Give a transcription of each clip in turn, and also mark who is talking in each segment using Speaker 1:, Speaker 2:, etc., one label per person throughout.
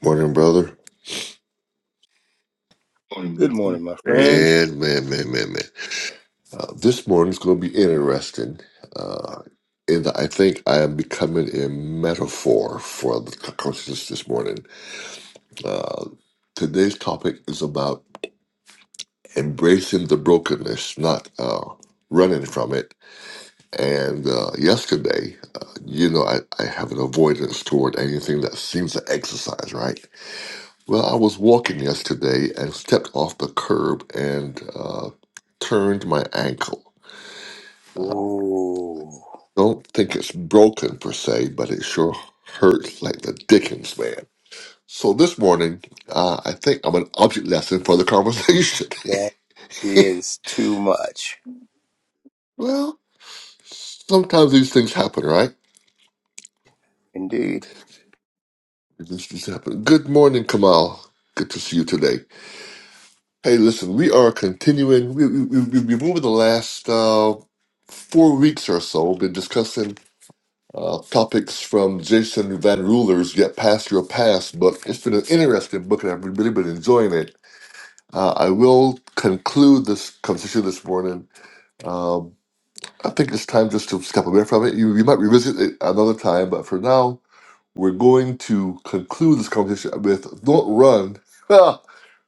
Speaker 1: Morning, brother. Morning,
Speaker 2: Good
Speaker 1: Matthew.
Speaker 2: morning, my friend.
Speaker 1: And man, man, man, man. Uh, this morning's going to be interesting. Uh, and I think I am becoming a metaphor for the consciousness this morning. Uh, today's topic is about embracing the brokenness, not uh, running from it. And uh, yesterday, uh, you know, I, I have an avoidance toward anything that seems to exercise, right? Well, I was walking yesterday and stepped off the curb and uh, turned my ankle. I
Speaker 2: Oh,
Speaker 1: don't think it's broken per se, but it sure hurts like the dickens, man. So this morning, uh, I think I'm an object lesson for the conversation.
Speaker 2: that is too much.
Speaker 1: well, sometimes these things happen, right?
Speaker 2: Indeed.
Speaker 1: These things happen. Good morning, Kamal. Good to see you today. Hey, listen, we are continuing. We, we, we, we've over the last uh, four weeks or so been discussing uh, topics from Jason Van Ruler's Get Past Your Past book. It's been an interesting book, and I've really been enjoying it. Uh, I will conclude this conversation this morning. Um, I think it's time just to step away from it. You, you might revisit it another time, but for now, we're going to conclude this conversation with Don't Run ah,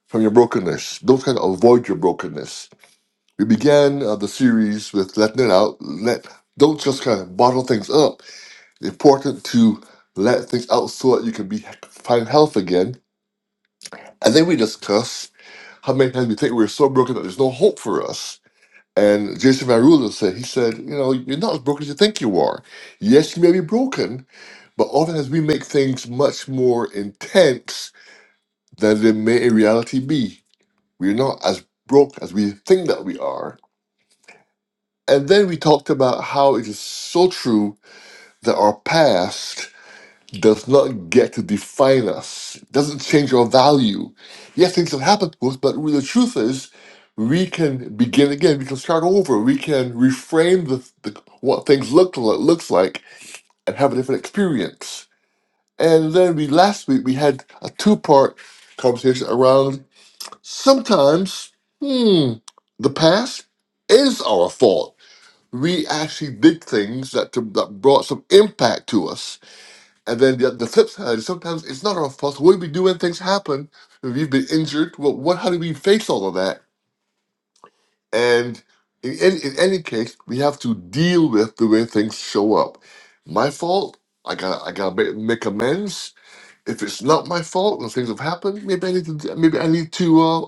Speaker 1: from Your Brokenness. Don't try to avoid your brokenness. We began uh, the series with letting it out. Let Don't just kind of bottle things up it's important to let things out so that you can be find health again. And then we discuss how many times we think we're so broken that there's no hope for us. And Jason Van Ruler said, he said, you know, you're not as broken as you think you are. Yes, you may be broken, but oftentimes we make things much more intense than they may in reality be. We're not as broke as we think that we are. And then we talked about how it is so true that our past does not get to define us, doesn't change our value. Yes, things have happened to us, but really the truth is, we can begin again. We can start over. We can reframe the, the what things look like, looks like and have a different experience. And then we last week we had a two part conversation around sometimes hmm, the past is our fault. We actually did things that to, that brought some impact to us and then the, the flip side is sometimes it's not our fault. What do we do when things happen? If we've been injured, well, what? How do we face all of that? And in any, in any case, we have to deal with the way things show up. My fault. I got I got to make amends. If it's not my fault and things have happened, maybe I need to maybe I need to uh,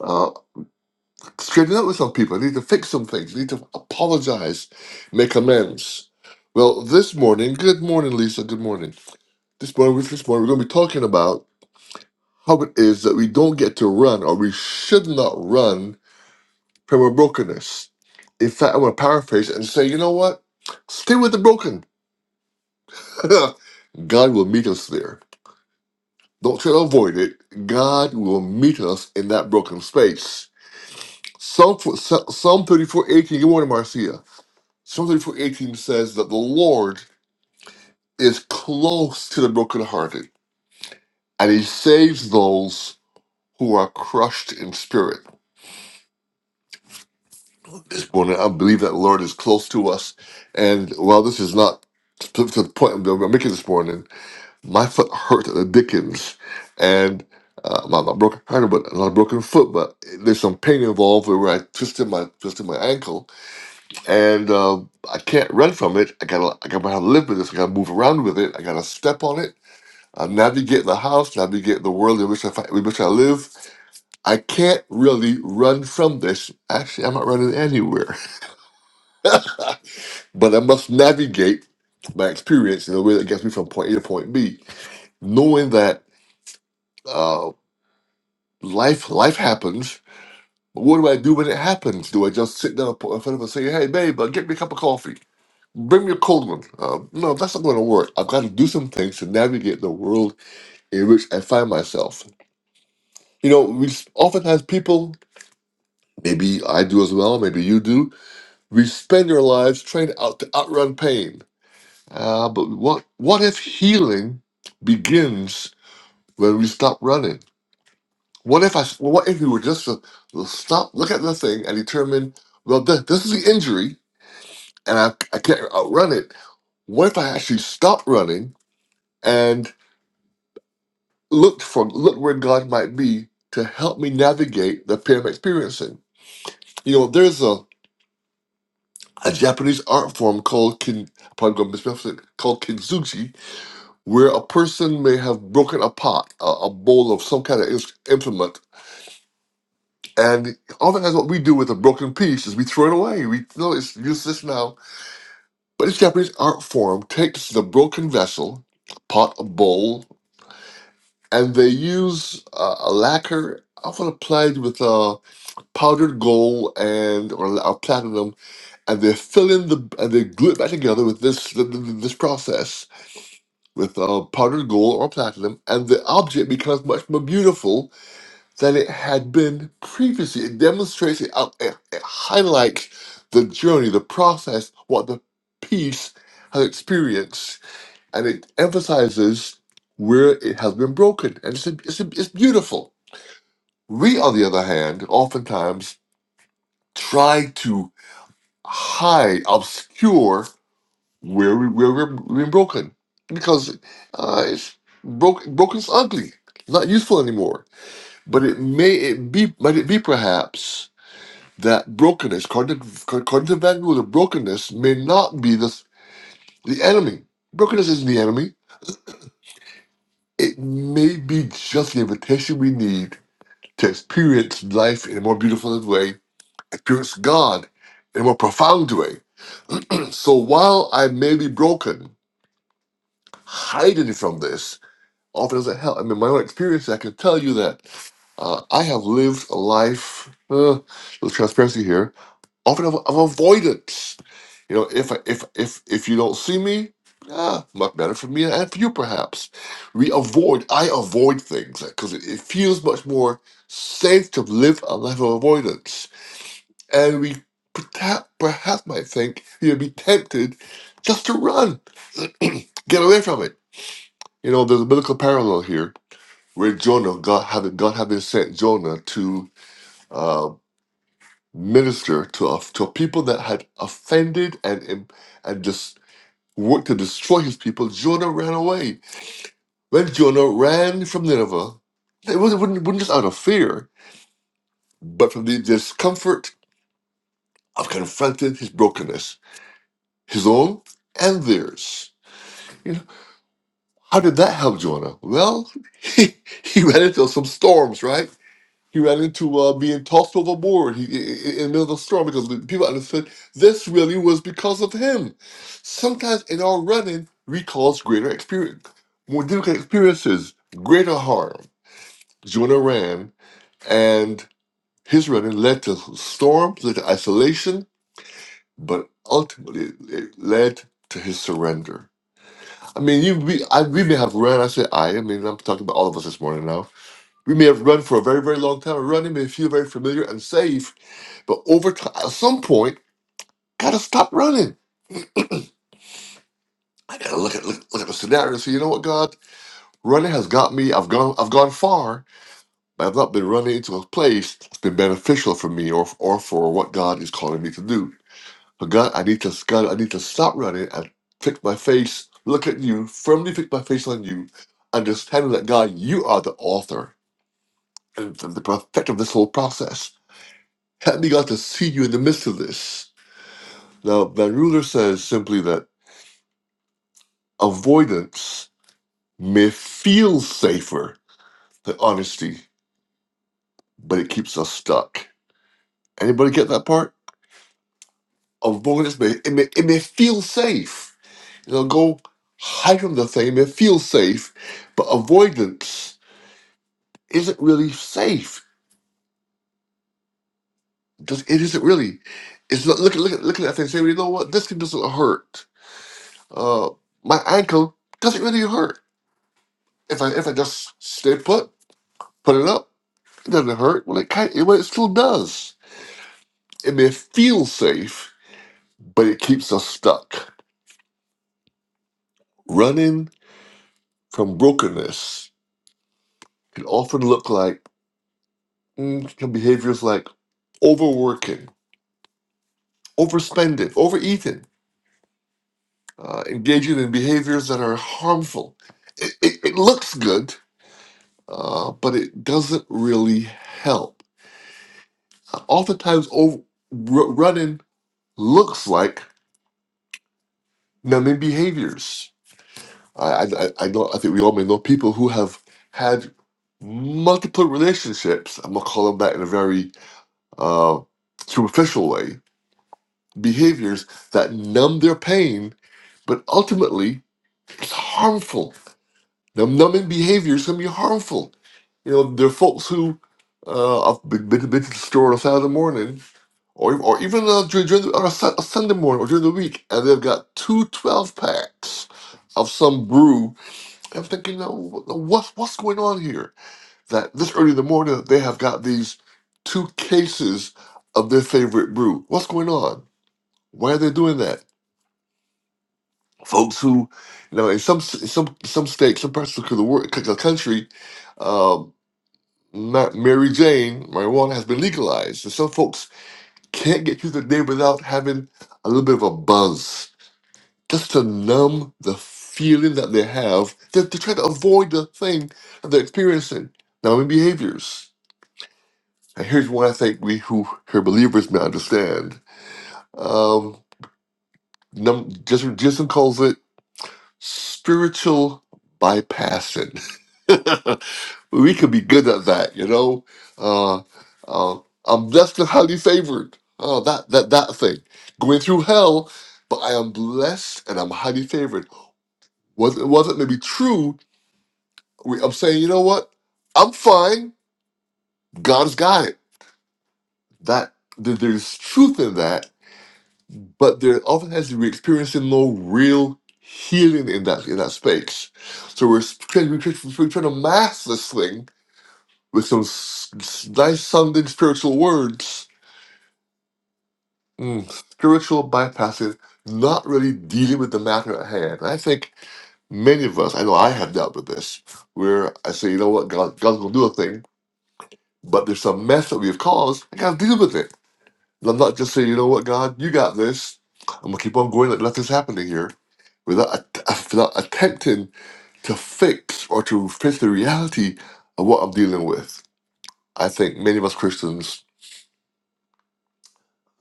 Speaker 1: uh, straighten up with some people. I need to fix some things. I need to apologize, make amends. Well, this morning, good morning, Lisa. Good morning. This morning, this morning, we're going to be talking about how it is that we don't get to run or we should not run from our brokenness. In fact, I want to paraphrase and say, you know what? Stay with the broken. God will meet us there. Don't try to avoid it. God will meet us in that broken space. Psalm, Psalm 34 18. good morning, Marcia. Psalm 34 18 says that the Lord is close to the brokenhearted and he saves those who are crushed in spirit. this morning. I believe that the Lord is close to us. And while this is not to, to the point I'm making this morning, my foot hurt the Dickens. And uh, my, my broken kind of, but not a broken foot, but there's some pain involved where I twisted my twisted my ankle, and uh, I can't run from it. I gotta I gotta live with this. I gotta move around with it. I gotta step on it. I navigate the house, navigate the world in which I fi- in which I live. I can't really run from this. Actually, I'm not running anywhere. but I must navigate my experience in a way that gets me from point A to point B, knowing that uh, life life happens. But what do I do when it happens? Do I just sit down in front of her and say, "Hey, babe, uh, get me a cup of coffee. Bring me a cold one"? Uh, no, that's not going to work. I've got to do some things to navigate the world in which I find myself. You know, we s- oftentimes people, maybe I do as well, maybe you do. We spend our lives trying to out to outrun pain Uh, but what what if healing begins when we stop running? What if I? well, What if we were just to stop, look at the thing, and determine, well, th- this is the injury, and I, I can't outrun it. What if I actually stopped running and looked for look where God might be to help me navigate the pain I'm experiencing? You know, there's a, a Japanese art form called kin. Probably going to mispronounce it. Called kintsugi, where a person may have broken a pot, a, a bowl of some kind of ins- implement, and oftentimes what we do with a broken piece is we throw it away. We no, it's useless now. But this Japanese art form takes the broken vessel, a pot, a bowl, and they use uh, a lacquer often applied with uh, powdered gold and or, or platinum, and they fill in the and they glue it back together with this th- th- th- this process with uh, powdered gold or platinum, and the object becomes much more beautiful than it had been previously. It demonstrates, it, out- it, it highlights the journey, the process, what the piece has experienced, and it emphasizes where it has been broken. And it's, it's, it's beautiful. We, on the other hand, oftentimes try to hide, obscure where, we, where we're, we're broken because uh, it's broke, broken's ugly, not useful anymore. But it may it be, might it be perhaps that brokenness, content, con- contending with the brokenness may not be the, the enemy. Brokenness isn't the enemy. It may be just the invitation we need to experience life in a more beautiful way, experience God in a more profound way. So while I may be broken, hiding from this often doesn't help. I mean, my own experience, I can tell you that uh, I have lived a life, uh, little transparency here, often of, of avoidance. You know, if I- if if if you don't see me, ah, much better for me and for you, perhaps. We avoid. I avoid things because it, it feels much more safe to live a life of avoidance, and we perhaps perhaps might think you would be tempted just to run, get away from it. You know, there's a biblical parallel here where Jonah, God having God having sent Jonah to uh, minister to a, to a people that had offended and and just worked to destroy his people. Jonah ran away. When Jonah ran from Nineveh, it wasn't, wasn't, wasn't just out of fear, but from the discomfort of confronting his brokenness, his own and theirs. You know, how did that help Jonah? Well, he, he ran into some storms, right? He ran into uh, being tossed overboard he, i- i- in the middle of the storm because the people understood this really was because of him. Sometimes in our running, we cause greater experience, more difficult experiences, greater harm. Jonah ran, and his running led to storms, led to isolation, but ultimately it led to his surrender. I mean, you, we, I, we may have run. I say I. I mean, I'm talking about all of us this morning now. We may have run for a very, very long time. Running may feel very familiar and safe, but over time, at some point, gotta stop running. I gotta look at look, look at the scenario and say, you know what, God, running has got me. I've gone I've gone far, but I've not been running into a place that's been beneficial for me or or for what God is calling me to do. But God, I need to God, I need to stop running and fix my face. Look at you, firmly fix my face on you, understanding that God, you are the author and the the perfecter of this whole process. Help me, God, to see you in the midst of this. Now, Van Ruler says simply that avoidance may feel safer than honesty, but it keeps us stuck. Anybody get that part? Avoidance may it may, it may feel safe. It'll go hide from the thing, it may feel safe, but avoidance isn't really safe. Just it isn't really. It's not look at look at look at that thing and say, you know what, this thing doesn't hurt. Uh my ankle doesn't really hurt. If I if I just stay put, put it up, it doesn't hurt. Well it kind well, it still does. It may feel safe, but it keeps us stuck. Running from brokenness can often look like mm, can behaviors like overworking, overspending, overeating, uh, engaging in behaviors that are harmful. It, it, it looks good, uh, but it doesn't really help. Uh, Oftentimes, over, r- running looks like numbing behaviors. I, I, I I know. I think we all may know people who have had multiple relationships. I'm gonna call them that in a very uh, superficial way, behaviors that numb their pain, but ultimately it's harmful. Num- numbing behaviors can be harmful. You know, there are folks who uh, have been, been, been to the store on a Saturday morning, or, or even uh, during, during the, on a, Sun- a Sunday morning or during the week, and they've got two 12 packs of some brew. I'm thinking, "Now, what- what's, what's going on here? that this early in the morning they have got these two cases of their favorite brew. What's going on? Why are they doing that? Folks who, you know, in some some some states, some parts of the world, the country, um, not Mary Jane marijuana has been legalized, and some folks can't get through the day without having a little bit of a buzz, just to numb the feeling that they have. They're, they're trying to avoid the thing that they're experiencing, numbing behaviors. And here's one I think we who are believers may understand. Um, num- Jason, Jason calls it spiritual bypassing. we could be good at that, you know. Uh, uh, I'm blessed and highly favored. Oh, that that that thing, going through hell, but I am blessed and I'm highly favored. Was it wasn't maybe true? we- I'm saying, you know what? I'm fine. God's got it. That there- there's truth in that but there often has to be experiencing no real healing in that in that space. So we're trying, we're trying we're trying to mask this thing with some s- s- nice sounding spiritual words, Mm, spiritual bypassing, not really dealing with the matter at hand. And I think many of us, I know I have dealt with this, where I say, you know what, God, God's gonna do a thing, but there's some mess that we have caused. I gotta deal with it. And I'm not just saying, you know what, God, you got this. I'm gonna keep on going like nothing's happening here without, att- without attempting to fix or to fix the reality of what I'm dealing with. I think many of us Christians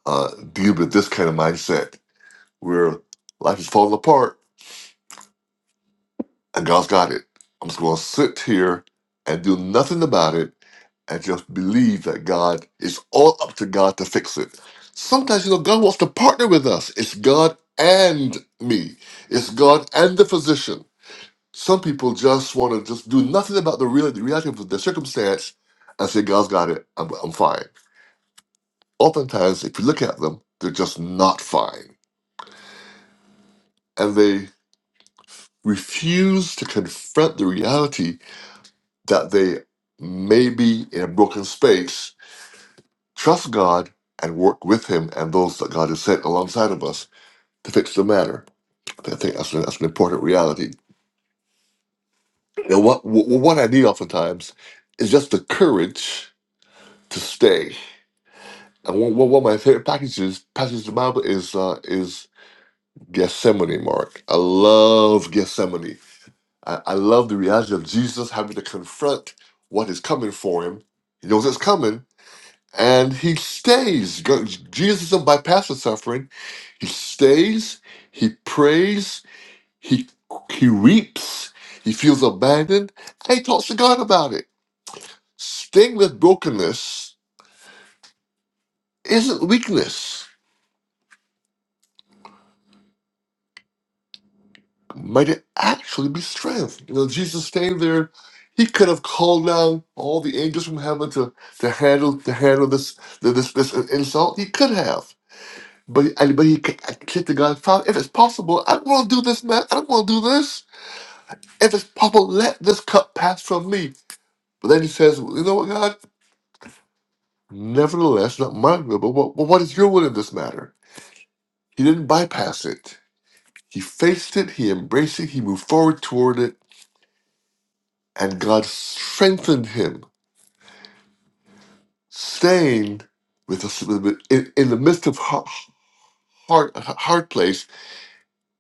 Speaker 1: uh, deal with this kind of mindset where life is falling apart and God's got it. I'm just going to sit here and do nothing about it and just believe that God, it's all up to God to fix it. Sometimes, you know, God wants to partner with us. It's God and me, it's God and the physician. Some people just want to just do nothing about the, real, the reality of their circumstance and say, God's got it. I'm, I'm fine. Oftentimes, if you look at them, they're just not fine. And they refuse to confront the reality that they may be in a broken space, trust God, and work with Him and those that God has sent alongside of us to fix the matter. I think that's an, that's an important reality. And what, what I need oftentimes is just the courage to stay And one, one one of my favorite packages, passages of the Bible is uh, is Gethsemane, Mark. I love Gethsemane. I, I love the reality of Jesus having to confront what is coming for him. He knows it's coming, and he stays. Go- Jesus doesn't bypass the suffering. He stays. He prays. He he weeps. He feels abandoned, and he talks to God about it. Staying with brokenness isn't weakness. might it actually be strength? You know, Jesus stayed there. He could have called down all the angels from heaven to, to handle to handle this this this insult. He could have, but and- but he said to God, Father, if it's possible, I don't want to do this, man. I don't want to do this. If it's possible, let this cup pass from me. But then he says, "Well, you know what, God? Nevertheless, not my will, but what, but what is your will in this matter? He didn't bypass it. He faced it. He embraced it. He moved forward toward it, and God strengthened him Staying with us in, in the midst of hard, hard, hard place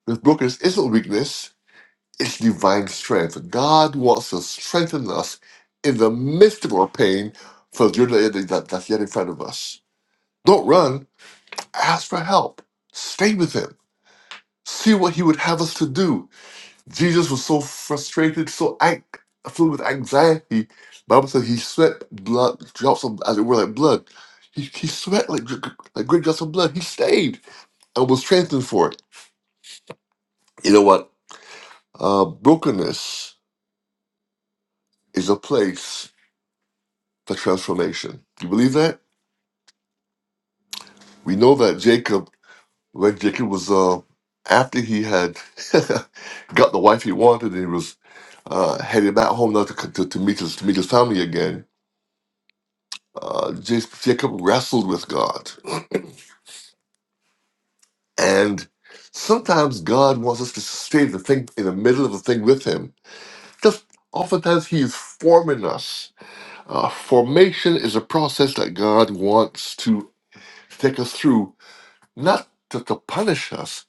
Speaker 1: with brokenness isn't weakness, it's divine strength. God wants to strengthen us in the midst of our pain for the journey that, that's yet in front of us. Don't run, ask for help. Stay with Him. See what He would have us to do. Jesus was so frustrated, so ang- filled with anxiety. Bible says he sweat blood, drops of, as it were, like blood. He, he sweat like, dr- like great drops of blood. He stayed and was strengthened for it. You know what? Uh, brokenness is a place for transformation. Do you believe that? We know that Jacob, when Jacob was, uh, after he had got the wife he wanted, and he was uh, headed back home now to, to, to meet his to meet his family again Uh, James- Jacob wrestled with God, and sometimes God wants us to stay the thing in the middle of the thing with Him. Just oftentimes He is forming us. Uh, formation is a process that God wants to take us through, not to, to punish us,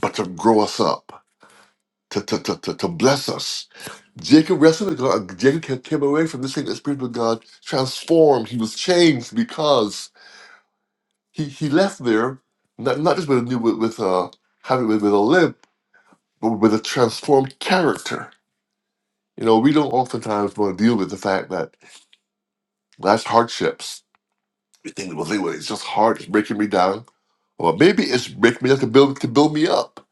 Speaker 1: but to grow us up, to, to, to, to, to bless us. Jacob wrestled with God. Jacob came away from this thing, the Spirit of God transformed. He was changed because he he left there not not just with a new with, with uh having with, with a limp, but with a transformed character. You know, we don't oftentimes want to deal with the fact that life's hardships. We think, well, think, well, it's just hard. It's breaking me down, or maybe it's breaking me up to build to build me up.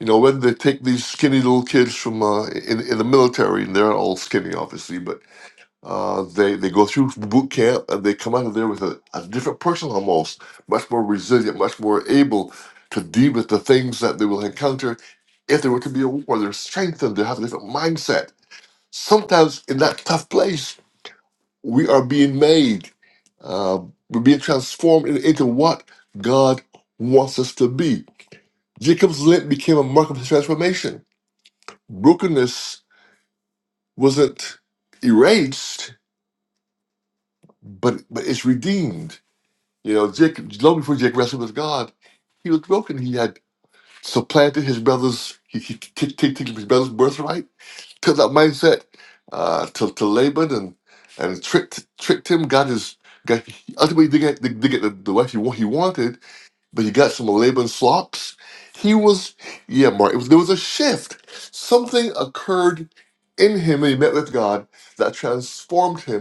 Speaker 1: You know, whether they take these skinny little kids from uh, in in the military, and they're all skinny, obviously, but Uh, they they go through boot camp and they come out of there with a, a different person almost, much more resilient, much more able to deal with the things that they will encounter if there were to be a war. They're strengthened. They have a different mindset. Sometimes in that tough place, we are being made. Uh, we're being transformed in- into what God wants us to be. Jacob's lint became a mark of his transformation. Brokenness wasn't erased, but but it's redeemed You know, Jake, long before Jake wrestled with God, he was broken. He had supplanted his brother's, he, he t- t- t- his brother's birthright, took that mindset uh, to, to Laban and and tricked tricked him. Got his, got, he ultimately did get, did get the, the wife he, wa- he wanted, but he got some of Laban's slops. He was, yeah, Mark, it was, there was a shift. Something occurred in him when he met with God that transformed him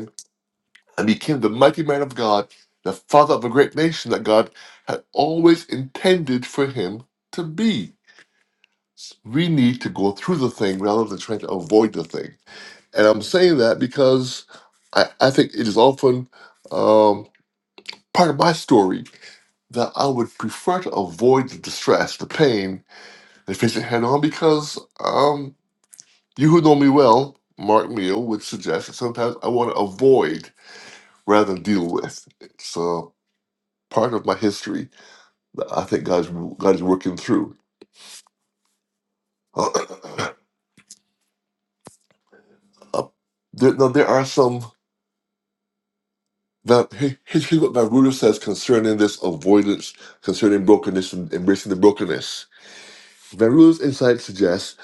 Speaker 1: and became the mighty man of God, the father of a great nation that God had always intended for him to be. We need to go through the thing rather than trying to avoid the thing. And I'm saying that because I, I think it is often um, part of my story that I would prefer to avoid the distress, the pain, and face it head on because um, you who know me well, Mark Meal, would suggest that sometimes I want to avoid rather than deal with. So. part of my history that I think God's God is working through. Uh, there, now there are some. Now, here- here's what my ruler says concerning this avoidance, concerning brokenness and embracing the brokenness. My ruler's insight suggests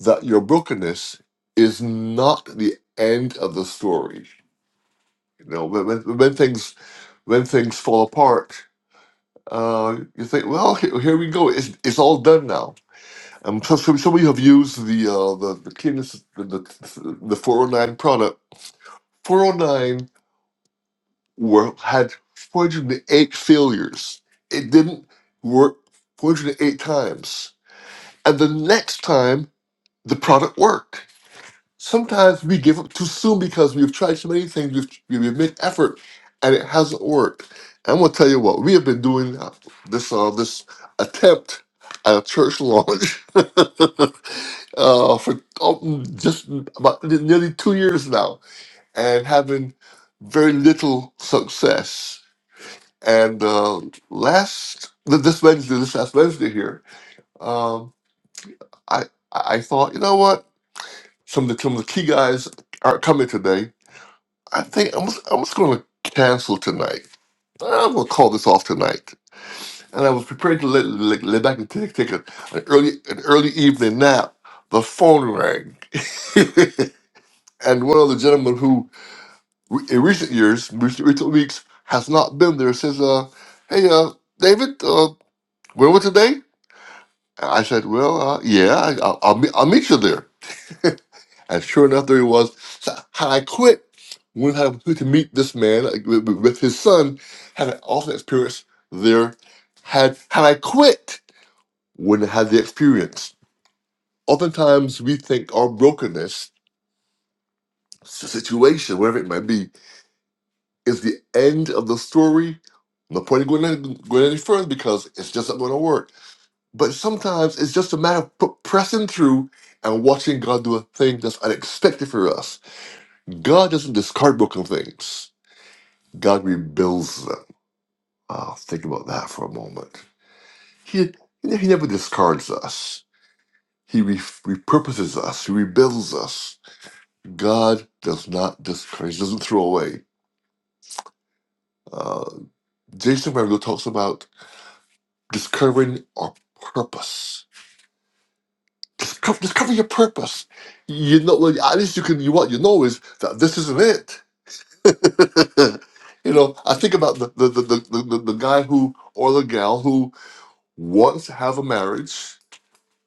Speaker 1: that your brokenness is not the end of the story. You know, when, when, when things when things fall apart, uh, you think, well, here, here we go. It's, it's all done now I'm sure some some of you have used the uh, the the Cadence the, the the 409 product. 409 were had 408 failures. It didn't work 408 times, and the next time the product worked sometimes we give up too soon because we've tried so many things, we've, we've made effort, and it hasn't worked. I'm gonna tell you what we have been doing uh, this uh, this attempt at a church launch uh, for oh, just about nearly two years now, and having very little success. And uh, last this Wednesday, this last Wednesday here, um, I I I thought you know what some of the some of the key guys aren't coming today I think I'm just, I'm just going to cancel tonight. I'm going to call this off tonight. And I was prepared to lay, lay, lay back and take, take a, an early an early evening nap. The phone rang, and one of the gentlemen who, re- in recent years, recent, recent weeks, has not been there says, "Uh, hey, uh, David, uh, where were today?" And I said, "Well, uh, yeah, I, I'll, I'll, meet, I'll meet you there." And sure enough, there he was. So how I quit when I went out to meet this man like, with, with- with his son, had an awesome experience there. Had had I quit wouldn't have had the experience. Oftentimes we think our brokenness, s- situation, whatever it might be, is the end of the story. No point in going any, going any further because it's just not going to work. But sometimes it's just a matter of p- pressing through and watching God do a thing that's unexpected for us. God doesn't discard broken things. God rebuilds them. Oh, think about that for a moment. He, he never discards us. He re- repurposes us. He rebuilds us. God does not discourage. He doesn't throw away. Uh, Jason Merrill talks about discovering our purpose. Discover, discover your purpose. You know, well, at least you can. You, what you know is that this isn't it. you know, I think about the the, the, the, the the guy who or the gal who wants to have a marriage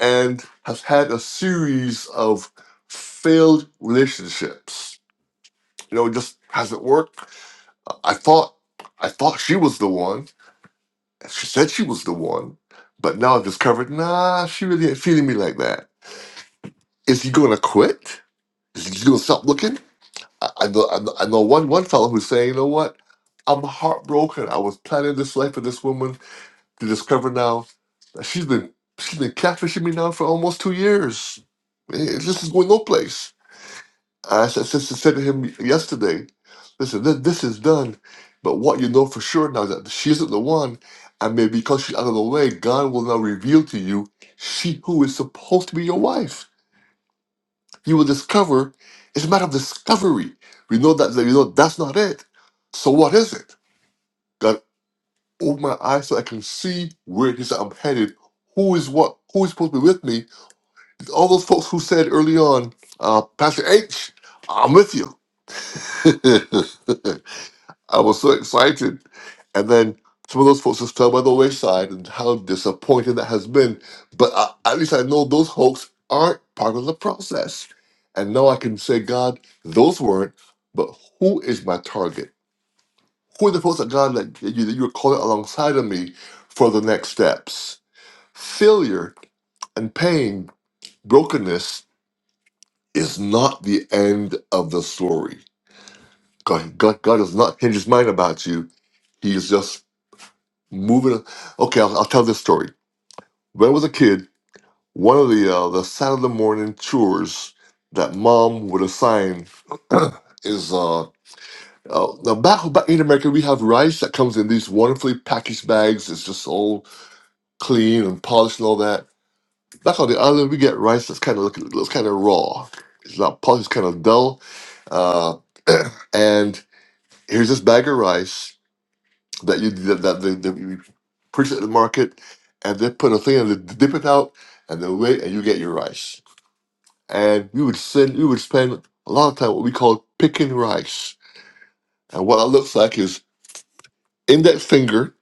Speaker 1: and has had a series of failed relationships. You know, it just hasn't worked. I thought I thought she was the one. She said she was the one, but now I've discovered, nah, she really ain't feeling me like that. Is he gonna quit? Is he just gonna stop looking? I, I know I know I know one one fellow who's saying, you know what? I'm heartbroken. I was planning this life for this woman to discover now that she's been she's been catfishing me now for almost two years. Eh, This is going no place I said, sister said to him yesterday, listen, this, this is done, but what you know for sure now is that she isn't the one, and maybe because she's out of the way, God will now reveal to you she who is supposed to be your wife. You will discover. It's a matter of discovery. We know that that we know that's not it. So what is it? God, open my eyes so I can see where it is that I'm headed. Who is what? Who is supposed to be with me? All those folks who said early on, uh, Pastor H, I'm with you. I was so excited. And then some of those folks just fell by the wayside and how disappointing that has been. But I, at least I know those hoax aren't part of the process. And now I can say, God, those weren't, but who is my target? Who are the folks that God that you, that you're calling alongside of me for the next steps? Failure and pain, brokenness is not the end of the story. God, God, God does not change his mind about you. He is just moving. Okay, I'll, I'll tell this story. When I was a kid, one of the uh, the Saturday morning chores that mom would assign is uh, uh now back back in America we have rice that comes in these wonderfully packaged bags. It's just all clean and polished and all that. Back on the island, we get rice that's kind of look looks kind of raw. It's not polished, it's kind of dull. Uh, and here's this bag of rice that you that, that they, they you purchase at the market, and they put a thing and they dip it out, and they wait, and you get your rice. And we would send, we would spend a lot of time what we call picking rice. And what that looks like is index finger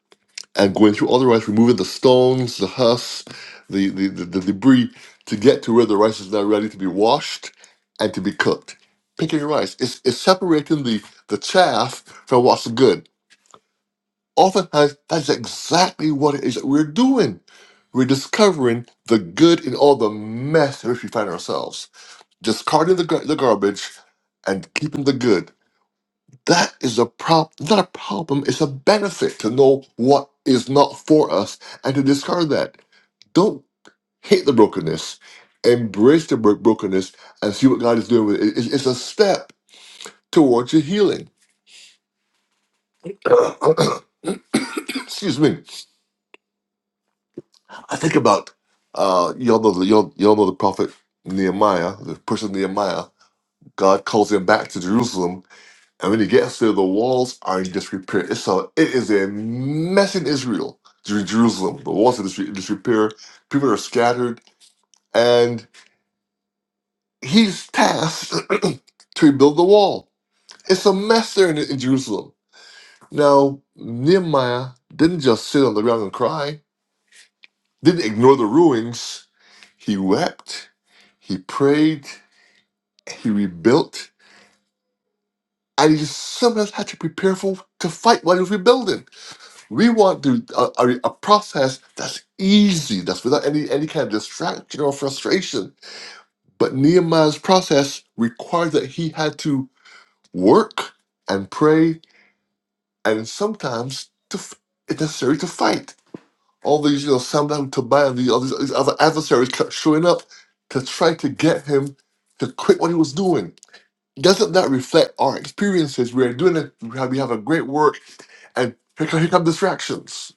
Speaker 1: and going through all the rice, removing the stones, the husks, the the, the, the debris to get to where the rice is now ready to be washed and to be cooked. Picking rice, it's, it's separating the the chaff from what's good Oftentimes, that's exactly what it is that we're doing. We're discovering the good in all the mess in which we find ourselves, discarding the, gar- the garbage and keeping the good. That is a problem, not a problem, it's a benefit to know what is not for us and to discard that. Don't hate the brokenness, embrace the bro- brokenness and see what God is doing with it. It's, it's a step towards your healing. Excuse me. I think about uh, y'all know the y'all, y'all know the prophet Nehemiah, the person Nehemiah. God calls him back to Jerusalem, and when he gets there, the walls are not just repaired. It's a it is a mess in Israel, Jer- Jerusalem. The walls are dis- in disre- disrepair. People are scattered, and he's tasked to rebuild the wall. It's a mess there in, in Jerusalem. Now Nehemiah didn't just sit on the ground and cry didn't ignore the ruins. He wept, he prayed, he rebuilt, and he sometimes had to prepare for to fight while he was rebuilding. We want to a, a, a process that's easy, that's without any any kind of distraction or frustration. But Nehemiah's process required that he had to work and pray, and sometimes to f- it's necessary to fight. all these, you know, Saddam Tobiah, the, all these, these other adversaries kept showing up to try to get him to quit what he was doing. Doesn't that reflect our experiences? We're doing it, we have we have a great work, and here come, here come distractions.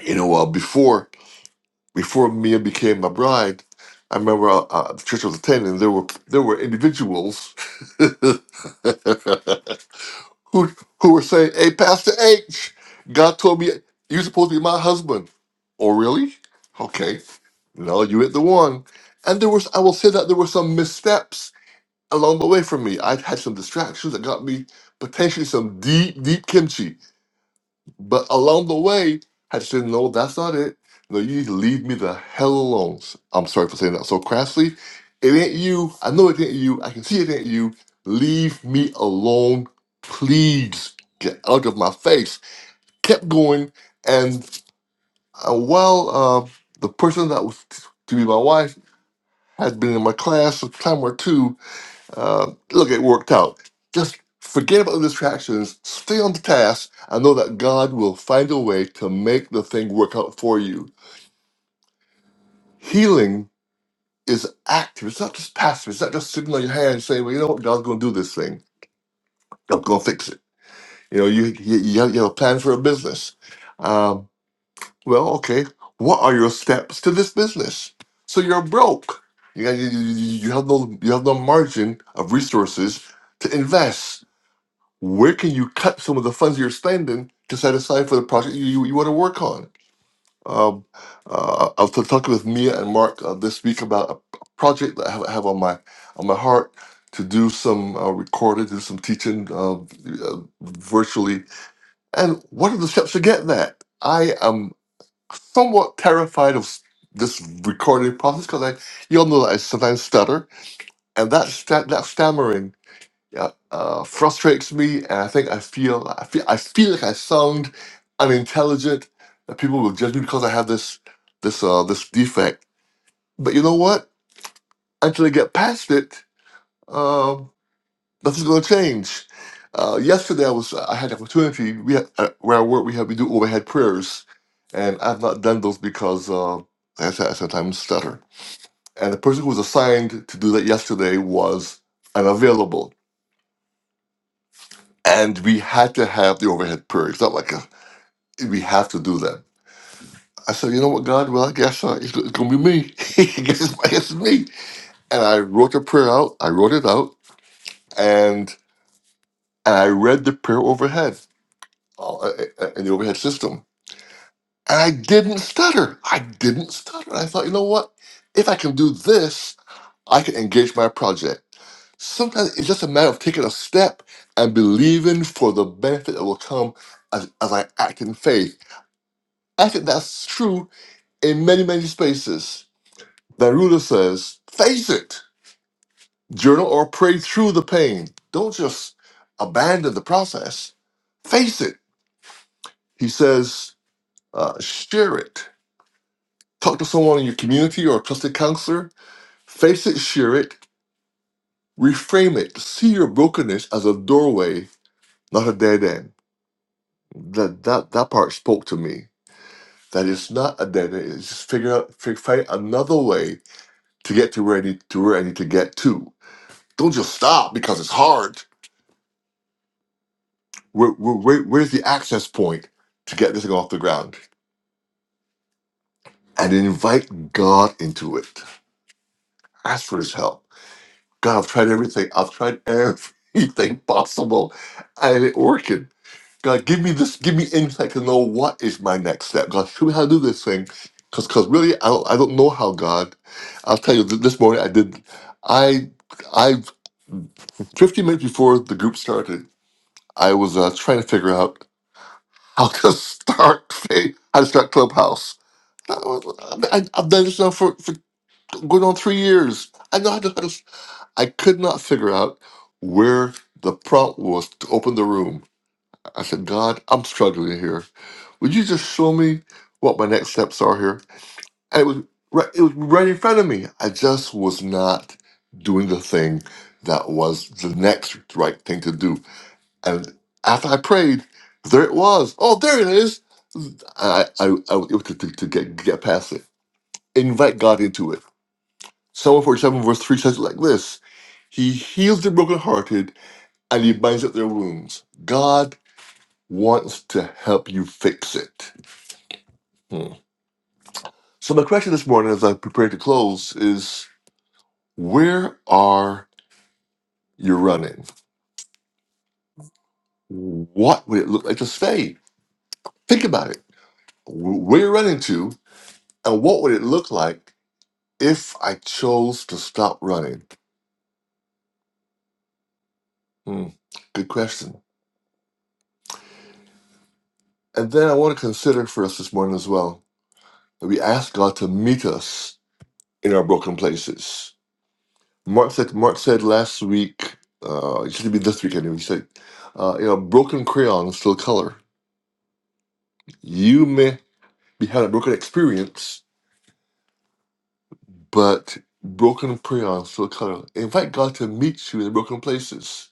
Speaker 1: You know, uh, before before Mia became my bride, I remember uh, uh, the church I was attending, there were there were individuals who who were saying, "Hey, Pastor H, God told me you're supposed to be my husband." Oh, really? Okay. No, you hit the one. And there was, I will say that there were some missteps along the way for me. I had some distractions that got me potentially some deep, deep kimchi but along the way, I just said, no, that's not it. No, you need to leave me the hell alone. I'm sorry for saying that so crassly. It ain't you. I know it ain't you. I can see it ain't you. Leave me alone. Please get out of my face. Kept going. And uh, while uh, the person that was t- to be my wife had been in my class a time or two, uh, look, it worked out. Just forget about the distractions. Stay on the task. I know that God will find a way to make the thing work out for you. Healing is active. It's not just passive. It's not just sitting on your hands saying, "Well, you know what? God's going to do this thing. God's going to fix it." You know, you you, you have, you have a plan for a business. Um, well, okay. What are your steps to this business? So you're broke. You, got- you, you you have no you have no margin of resources to invest where can you cut some of the funds you're spending to set aside for the project you, you, you want to work on? Um, uh, I was talking with Mia and Mark uh, this week about a project that I have, I have on my on my heart to do some uh, recorded, do some teaching uh, uh, virtually. And what are the steps to get that? I am somewhat terrified of s- this recording process because I, you all know that I sometimes stutter, and that sta- that stammering yeah, uh, frustrates me, and I think I feel I feel I feel like I sound unintelligent. That people will judge me because I have this this uh, this defect. But you know what? Until I get past it, um, nothing's going to change. Uh, yesterday, I was I had an opportunity. We had, uh, where I work, we have we do overhead prayers, and I've not done those because uh, I said I sometimes stutter. And the person who was assigned to do that yesterday was unavailable. and we had to have the overhead prayer. It's not like a, we have to do that. I said, you know what, God? Well, I guess uh, it's, it's going to be me. I guess it's, I guess it's me. And I wrote the prayer out. I wrote it out, and and I read the prayer overhead uh, uh, uh, in the overhead system, and I didn't stutter. I didn't stutter. I thought, you know what? If I can do this, I can engage my project. Sometimes it's just a matter of taking a step and believing for the benefit that will come as, as I act in faith I think that's true in many, many spaces. That ruler says, face it, journal or pray through the pain. Don't just abandon the process. Face it. He says, uh, share it. Talk to someone in your community or a trusted counselor. Face it, share it, reframe it. See your brokenness as a doorway, not a dead end. That, that, that part spoke to me. That it's not a dead end. It's just figure out, figure, find another way to get to where I need to where I need to get to Don't just stop because it's hard. Where, where, where- where's the access point to get this thing off the ground? And invite God into it. Ask for his help. God, I've tried everything. I've tried everything possible. And it working. God, give me this, give me insight to know what is my next step. God, show me how to do this thing. Because Cause, cause really, I don't, I don't know how God. I'll tell you, th- this morning I did, I, I, 15 minutes before the group started, I was uh, trying to figure out. I'll just start. Hey, I start Clubhouse. I, I, I've done this now for, for going on three years. I know how to. how to- I could not figure out where the prompt was to open the room. I said, God, I'm struggling here. Would you just show me what my next steps are here? And it was right. It was right in front of me. I just was not doing the thing that was the next right thing to do. And after I prayed, there it was. Oh, there it is. I, I, I was able to, to, to get, get past it. Invite God into it. Psalm 47, verse 3 says it like this He heals the brokenhearted and he binds up their wounds. God wants to help you fix it. Hmm. So, my question this morning as I prepare to close is where are you running? What would it look like to stay? Think about it. Where you're running to, and what would it look like If I chose to stop running, hmm, good question. And then I want to consider for us this morning as well that we ask God to meet us in our broken places. Mark said, Mark said last week, uh, it should be this week anyway, he said, uh, you know, broken crayon still color. You may be having a broken experience, but broken crayon still color. Invite God to meet you in the broken places.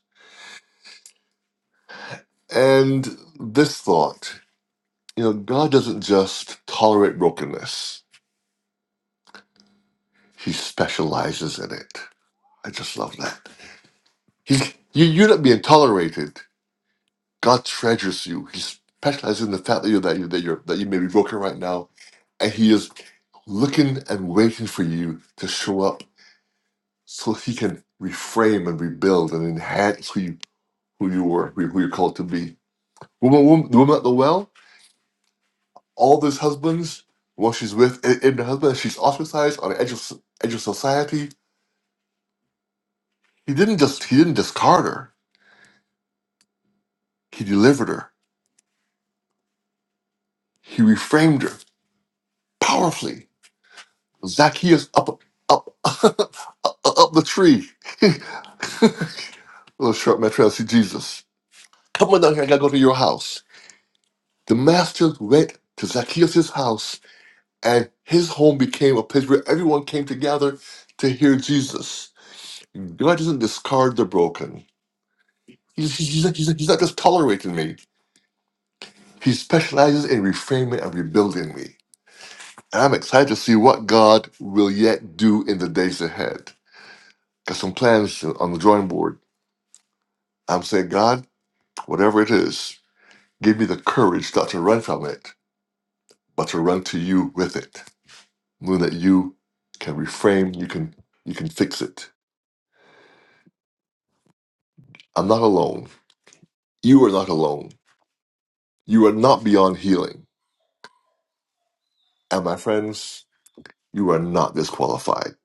Speaker 1: And this thought, you know, God doesn't just tolerate brokenness. He specializes in it. I just love that. He's you, you're not being tolerated. God treasures you. He specializes in the fact that you that you that you're that you may be broken right now, and He is looking and waiting for you to show up so He can reframe and rebuild and enhance who you who you were who, who you're called to be. Woman, woman, the woman at the well, all those husbands, while she's with in, in the husband, she's ostracized on the edge of edge of society. He didn't just he didn't discard her. He delivered her He reframed her powerfully. Zacchaeus up, up, up the tree. Little short metro, I see Jesus. Come on down here, I gotta go to your house. The master went to Zacchaeus' house, and his home became a place where everyone came together to hear Jesus. God doesn't discard the broken. He's, he's, he's, not, he's, not, he's not just tolerating me. He specializes in reframing and rebuilding me. And I'm excited to see what God will yet do in the days ahead. got some plans on the drawing board. I'm saying, God, whatever it is, give me the courage not to run from it, but to run to you with it. Knowing that you can reframe, you can you can fix it. I'm not alone. You are not alone. You are not beyond healing. And my friends, you are not disqualified.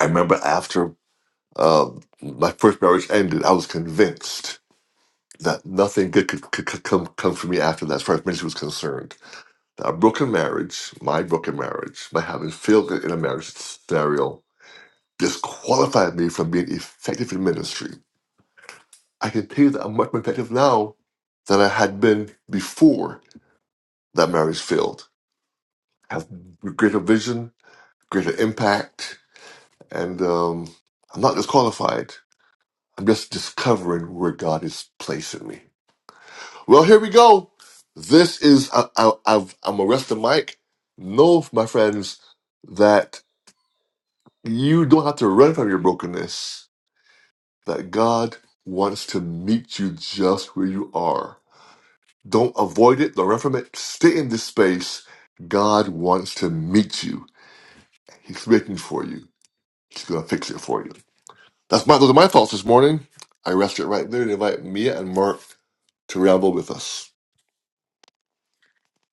Speaker 1: I remember after uh, my first marriage ended, I was convinced that nothing good could, could, could come come for me after that, as far as ministry was concerned a broken marriage, my broken marriage, my having failed in a marriage scenario, disqualified me from being effective in ministry. I can tell you that I'm much more effective now than I had been before that marriage failed. I have greater vision, greater impact, and um, I'm not disqualified. I'm just discovering where God is placing me. Well, here we go. This is I, I, I've, I'm arresting Mike. No, my friends, that You don't have to run from your brokenness, that God wants to meet you just where you are. Don't avoid it, don't run from it. Stay in this space. God wants to meet you. He's waiting for you. He's going to fix it for you. That's my, those are my thoughts this morning. I rest it right there and invite Mia and Mark to ramble with us.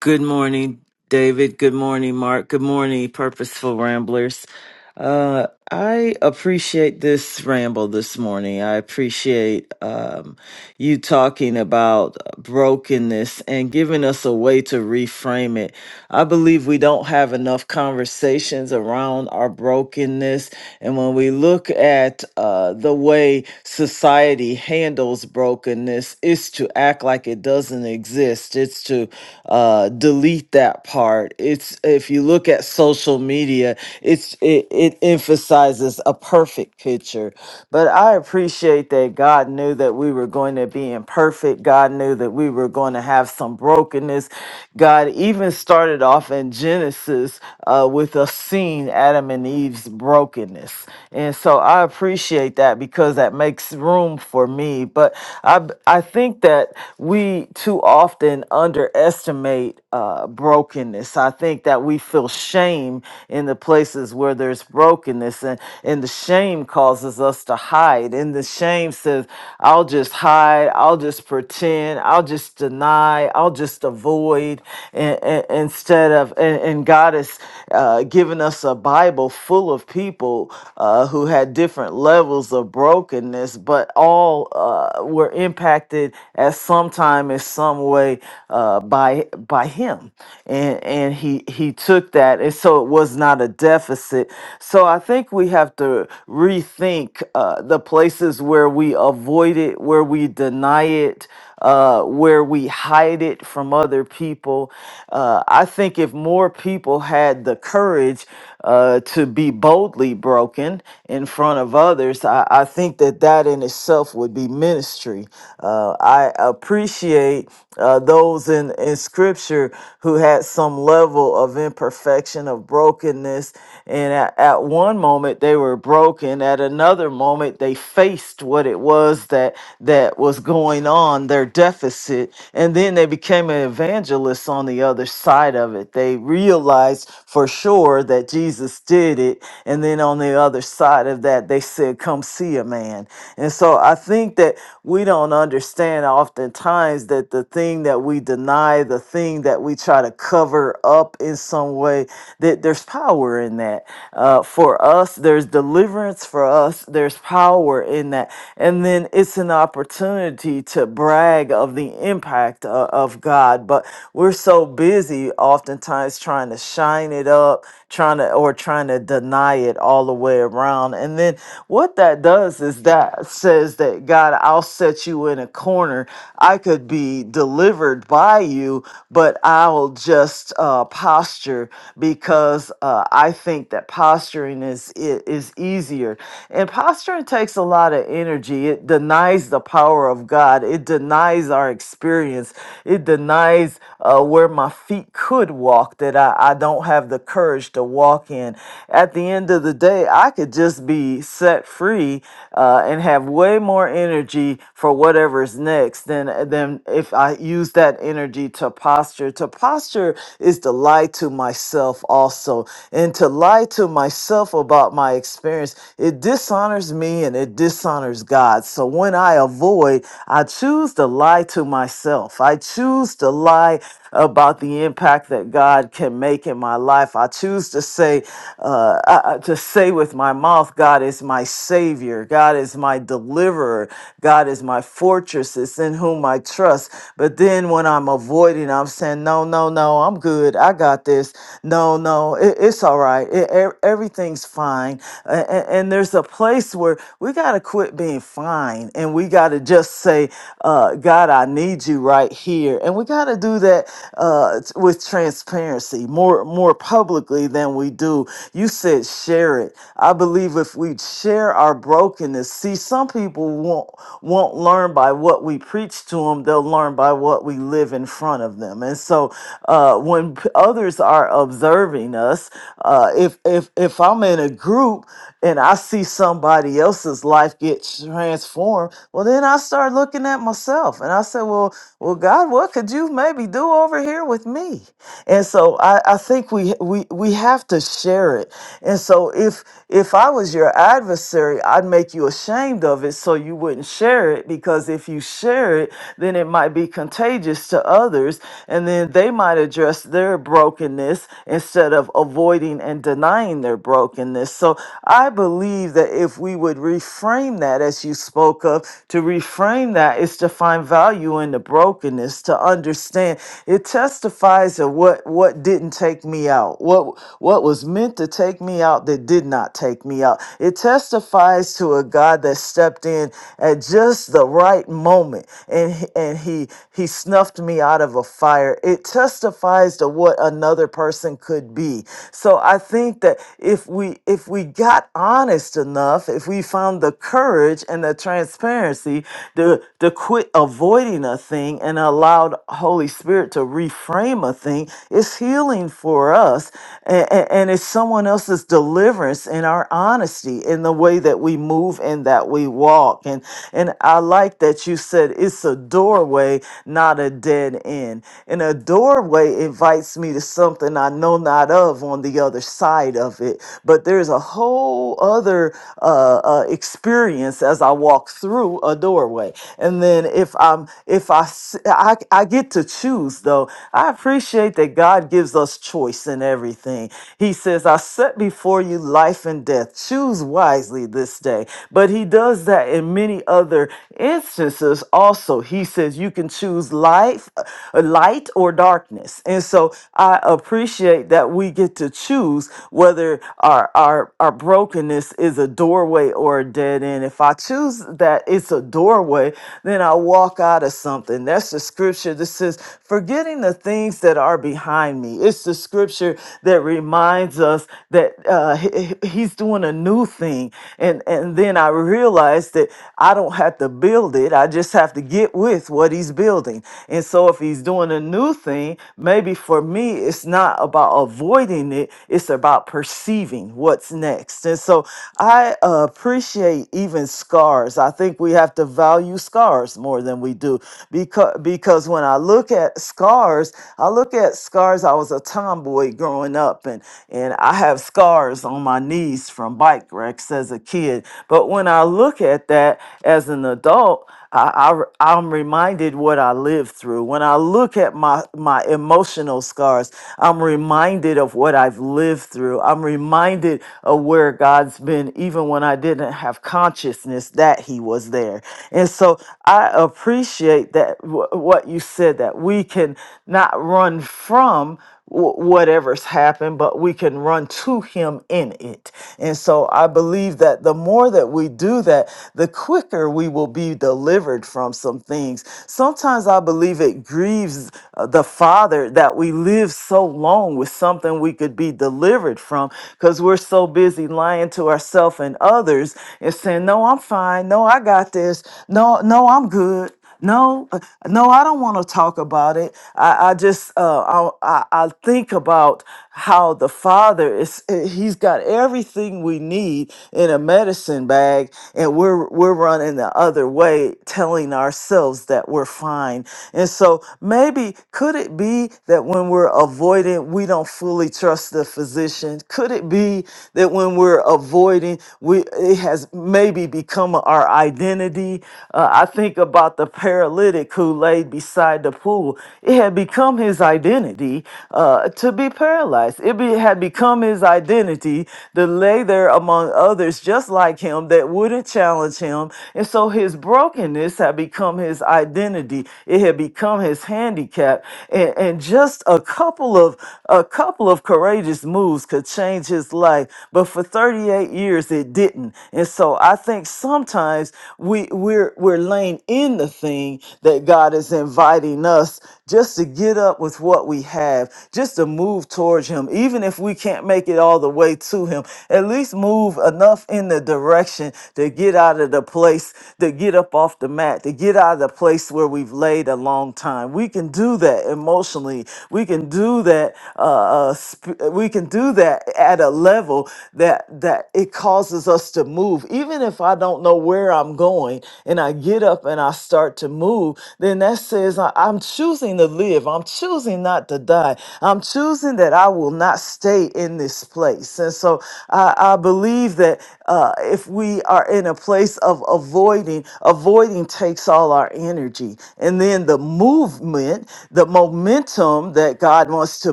Speaker 3: Good morning, David. Good morning, Mark. Good morning, Purposeful Ramblers. Uh, I appreciate this ramble this morning. I appreciate um, you talking about brokenness and giving us a way to reframe it. I believe we don't have enough conversations around our brokenness and when we look at uh, the way society handles brokenness, it's to act like it doesn't exist. It's to uh, delete that part. It's if you look at social media, it's it, it emphasizes a perfect picture. But I appreciate that God knew that we were going to be imperfect. God knew that we were going to have some brokenness. God even started off in Genesis uh, with a scene Adam and Eve's brokenness brokenness. And so I appreciate that because that makes room for me. But I I think that we too often underestimate uh, brokenness. I think that we feel shame in the places where there's brokenness, and, and the shame causes us to hide. And the shame says, I'll just hide, I'll just pretend, I'll just deny, I'll just avoid, and, instead of, and, and God has uh, given us a Bible full of people uh, who had different levels of brokenness, but all uh, were impacted at some time in some way uh, by by him, and and he he took that, and so it was not a deficit. So I think we have to rethink uh, the places where we avoid it, where we deny it uh, where we hide it from other people. Uh, I think if more people had the courage uh, to be boldly broken in front of others, I, I think that that in itself would be ministry. Uh, I appreciate uh, those in, in scripture who had some level of imperfection, of brokenness. And at, at one moment they were broken, at another moment they faced what it was that, that was going on, their deficit. And then they became an evangelist on the other side of it. They realized for sure that that Jesus did it. And then on the other side of that, they said, Come see a man. And so I think that we don't understand oftentimes that the thing that we deny, the thing that we try to cover up in some way, that there's power in that. Uh, for us, there's deliverance for us, there's power in that. And then it's an opportunity to brag of the impact of, of God. But we're so busy oftentimes trying to shine it up trying to or trying to deny it all the way around. And then what that does is that says that God, I'll set you in a corner. I could be delivered by you, but I'll just uh, posture because uh, I think that posturing is i- is easier. And posturing takes a lot of energy. It denies the power of God. It denies our experience. It denies uh, where my feet could walk. That I, I don't have the courage courage to walk in. At the end of the day, I could just be set free uh, and have way more energy for whatever is next than than if I use that energy to posture. To posture is to lie to myself also, and to lie to myself about my experience. It dishonors me and it dishonors God. So when I avoid, I choose to lie to myself. I choose to lie about the impact that God can make in my life life. I choose to say, uh, I, I- to say with my mouth, God is my Savior, God is my deliverer, God is my fortress, it's in whom I trust. But then when I'm avoiding, I'm saying, no, no, no, I'm good, I got this. No, no, it, it's all right, It- e- everything's fine. A- a- and there's a place where we got to quit being fine and we got to just say, uh, God, I need you right here. And we got to do that uh, t- with transparency, more more more publicly than we do. You said share it. I believe if we share our brokenness, see, some people won't won't learn by what we preach to them. They'll learn by what we live in front of them. And so, uh, when p- others are observing us, uh, if if if I'm in a group and I see somebody else's life get transformed, well, then I start looking at myself and I say, well, well, God, what could you maybe do over here with me? And so I, I think think we we we have to share it. And so if if I was your adversary, I'd make you ashamed of it so you wouldn't share it because if you share it, then it might be contagious to others and then they might address their brokenness instead of avoiding and denying their brokenness. So I believe that if we would reframe that as you spoke of, to reframe that is to find value in the brokenness, to understand it testifies of what what didn't didn't take me out, what what was meant to take me out that did not take me out. It testifies to a God that stepped in at just the right moment and he- and he he snuffed me out of a fire. It testifies to what another person could be. So I think that if we if we got honest enough, if we found the courage and the transparency to to quit avoiding a thing and allowed Holy Spirit to reframe a thing, it's healing healing for us and, and it's someone else's deliverance in our honesty in the way that we move and that we walk and and i like that you said it's a doorway not a dead end and a doorway invites me to something i know not of on the other side of it but there's a whole other uh, uh, experience as i walk through a doorway and then if i'm if i s- i, I get to choose though i appreciate that god God gives us choice in everything. He says, I set before you life and death. Choose wisely this day. But he does that in many other instances also. He says you can choose life, uh, light or darkness. And so I appreciate that we get to choose whether our our our brokenness is a doorway or a dead end. If I choose that it's a doorway, then I walk out of something. That's the scripture that says, forgetting the things that are behind behind me. It's the scripture that reminds us that uh, he- he- he's doing a new thing. And, and then I realized that I don't have to build it, I just have to get with what he's building. And so if he's doing a new thing, maybe for me, it's not about avoiding it, it's about perceiving what's next. And so I uh, appreciate even scars. I think we have to value scars more than we do because, because when I look at scars, I look at had scars. I was a tomboy growing up, and and I have scars on my knees from bike wrecks as a kid. But when I look at that as an adult, I, I am reminded what I lived through. When I look at my my emotional scars, I'm reminded of what I've lived through. I'm reminded of where God's been, even when I didn't have consciousness that He was there. And so I appreciate that wh- what you said that we can not run run from wh- whatever's happened, but we can run to Him in it. And so I believe that the more that we do that, the quicker we will be delivered from some things. Sometimes I believe it grieves uh, the Father that we live so long with something we could be delivered from because we're so busy lying to ourselves and others and saying, No, I'm fine. No, I got this. No, no, I'm good. No, uh, no, I don't want to talk about it. I, I just, uh, I, I, I think about how the Father is. eh, He's got everything we need in a medicine bag, and we're we're running the other way, telling ourselves that we're fine. And so maybe could it be that when we're avoiding, we don't fully trust the physician? Could it be that when we're avoiding, we it has maybe become an our identity. Uh, I think about the paralytic who lay beside the pool. It had become his identity uh, to be paralyzed. It be, had become his identity to lay there among others just like him that wouldn't challenge him. And so his brokenness had become his identity. It had become his handicap. And, and just a couple of a couple of courageous moves could change his life. But for 38 years it didn't. And so I think sometimes we we're we're laying in the thing that God is inviting us just to get up with what we have, just to move towards him, even if we can't make it all the way to him, at least move enough in the direction to get out of the place, to get up off the mat, to get out of the place where we've laid a long time. We can do that emotionally. We can do that uh, uh, sp- we can do do that at a level that that it causes us to move. Even if I don't know where I'm going and I get up and I start to move, then that says I, I'm choosing to live. I'm choosing not to die. I'm choosing that I will not stay in this place. And so I, I believe that uh, if we are in a place of avoiding, avoiding takes all our energy. And then the movement, the momentum that God wants to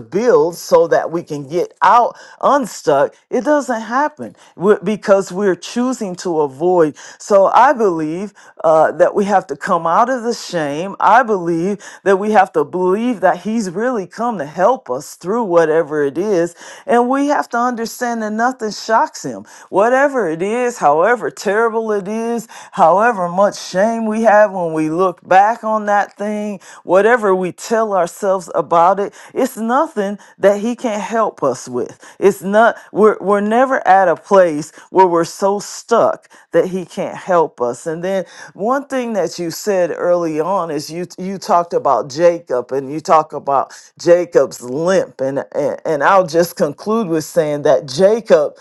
Speaker 3: build so that we can get out unstuck, it doesn't happen We're- because we're choosing to avoid. So I believe uh, that we have to come out of the shame. I believe that we have to believe that He's really come to help us through whatever it is. And we have to understand that nothing shocks Him. Whatever it is, however terrible it is, however much shame we have when we look back on that thing, thing, whatever we tell ourselves about it, it's nothing that he can't help us with. It's not we're we're never at a place where we're so stuck that he can't help us. And then one thing that you said early on is you you talked about Jacob and you talk about Jacob's limp and and, and I'll just conclude with saying that Jacob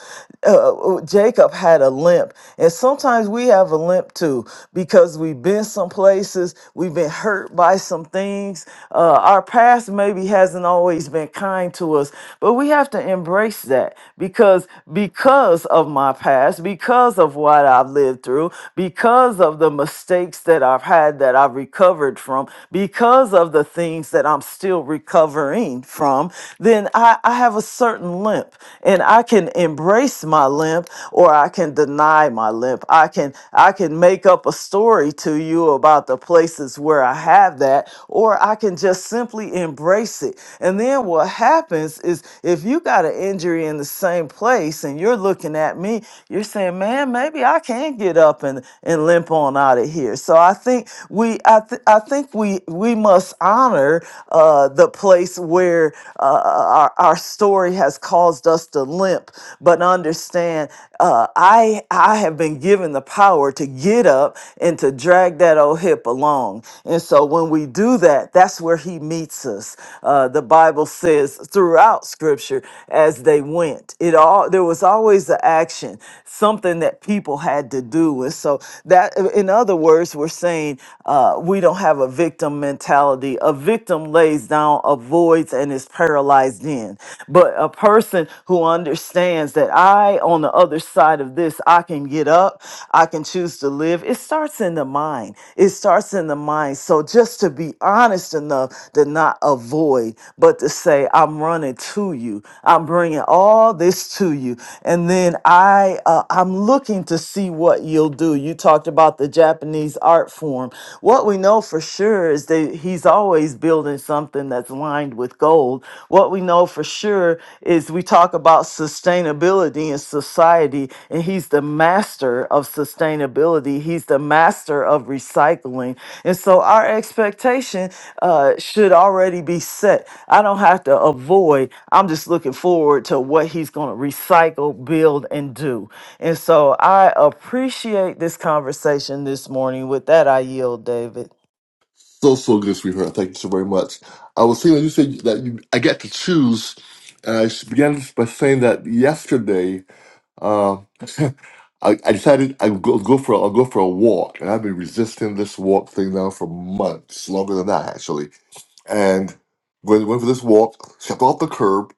Speaker 3: uh, Jacob had a limp and sometimes we have a limp too because because we've been some places, we've been hurt by some things. Uh, our past maybe hasn't always been kind to us, but we have to embrace that because because of my past, because of what I've lived through, because of the mistakes that I've had that I've recovered from, because of the things that I'm still recovering from, then I, I have a certain limp and I can embrace my limp or I can deny my lip. I can I can make up a story to you about the places where I have that or I can just simply embrace it. And then what happens is if you got an injury in the same place and you're looking at me, you're saying, "Man, maybe I can get up and and limp on out of here." So I think we I th- I think we we must honor uh the place where uh, our our story has caused us to limp but understand uh, I I have been given the power to get up and to drag that old hip along. And so when we do that, that's where he meets us. Uh, the Bible says throughout Scripture, as they went, it all there was always the action, something that people had to do. And so that, in other words, we're saying uh, we don't have a victim mentality. A victim lays down, avoids, and is paralyzed in. But a person who understands that I, on the other side of this, I can get up, I can choose to live, it starts in the mind. It starts in the mind. So just to be honest enough to not avoid, but to say, say, I'm running to you. I'm bringing all this to you. And then I, uh, I'm looking to see what you'll do. You talked about the Japanese art form. What we know for sure is that he's always building something that's lined with gold. What we know for sure is we talk about sustainability in society, and and he's the master of sustainability. He's the master of recycling. And so our expectation uh, should already be set. I don't have to avoid, I'm just looking forward to what he's going to recycle, build, and do. And so I appreciate this conversation this morning. With that, I yield, David.
Speaker 1: So, so good, sweetheart. Thank you so very much. I was saying that you said that you, I get to choose. And I began by saying that yesterday Uh, I, I decided I would go, go for a, I'll go for a walk, and I've been resisting this walk thing now for months, longer than that actually. And when went for this walk, stepped off the curb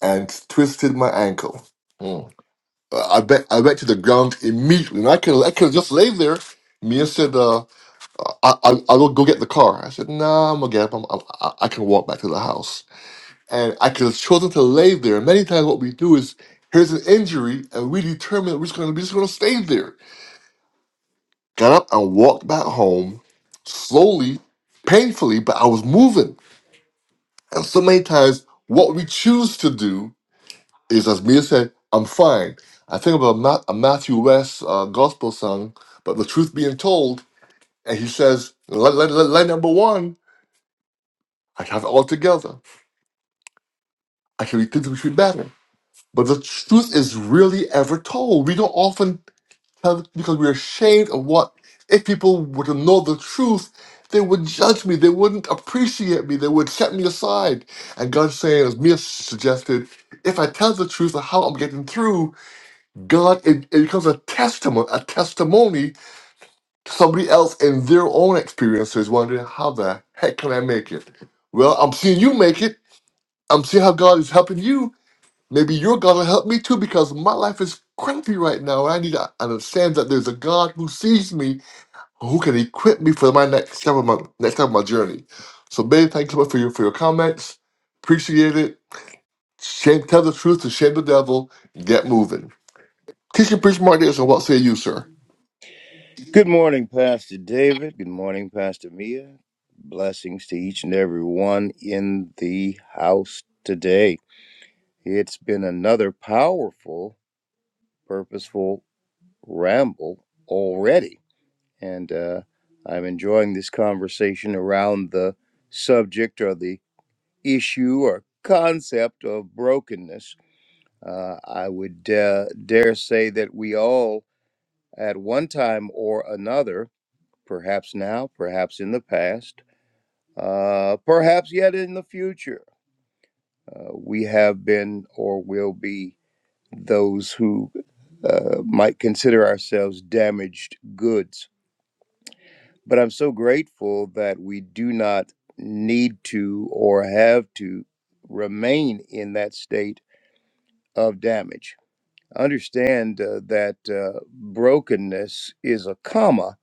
Speaker 1: and twisted my ankle. Mm. Uh, I bet I went to the ground immediately, and I could I could have just lay there. Mia said, uh, "I I I will go get the car." I said, "Nah, I'm gonna get up. I'm, I'm, I I can walk back to the house." and I could have chosen to lay there. Many times, what we do is here's an injury, and we determine we're just going to be just going to stay there. Got up and walked back home slowly, painfully, but I was moving. And so many times, what we choose to do is, as Mia said, "I'm fine." I think about Ma- a Matthew West uh, gospel song, but the truth being told, and he says, "Line line- line- line number one, I have it all together. I can be things we should be better." But the truth is really ever told. We don't often because because we're ashamed of what if people were to know the truth they would judge me they wouldn't appreciate me they would set me aside and god's saying as mia suggested if i tell the truth of how i'm getting through god it, it becomes a testimony a testimony to somebody else in their own experiences wondering how the heck can i make it well i'm seeing you make it i'm seeing how god is helping you maybe your God will help me too because my life is crappy right now. I need to understand that there's a God who sees me who can equip me for my next step of my next step of my journey. So Ben, thank you so much for your for your comments. Appreciate it. Shame, tell the truth to shame the devil. Get moving. Teaching priest Martinez, and what say you, sir?
Speaker 2: Good morning, Pastor David. Good morning, Pastor Mia. Blessings to each and every one in the house today. It's been another powerful, purposeful ramble already. And uh, I'm enjoying this conversation around the subject or the issue or concept of brokenness Uh, I would uh, dare say that we all, at one time or another, perhaps now, perhaps in the past, uh, perhaps yet in the future, uh, we have been or will be those who uh, might consider ourselves damaged goods. But I'm so grateful that we do not need to or have to remain in that state of damage understand uh, that uh, brokenness is a comma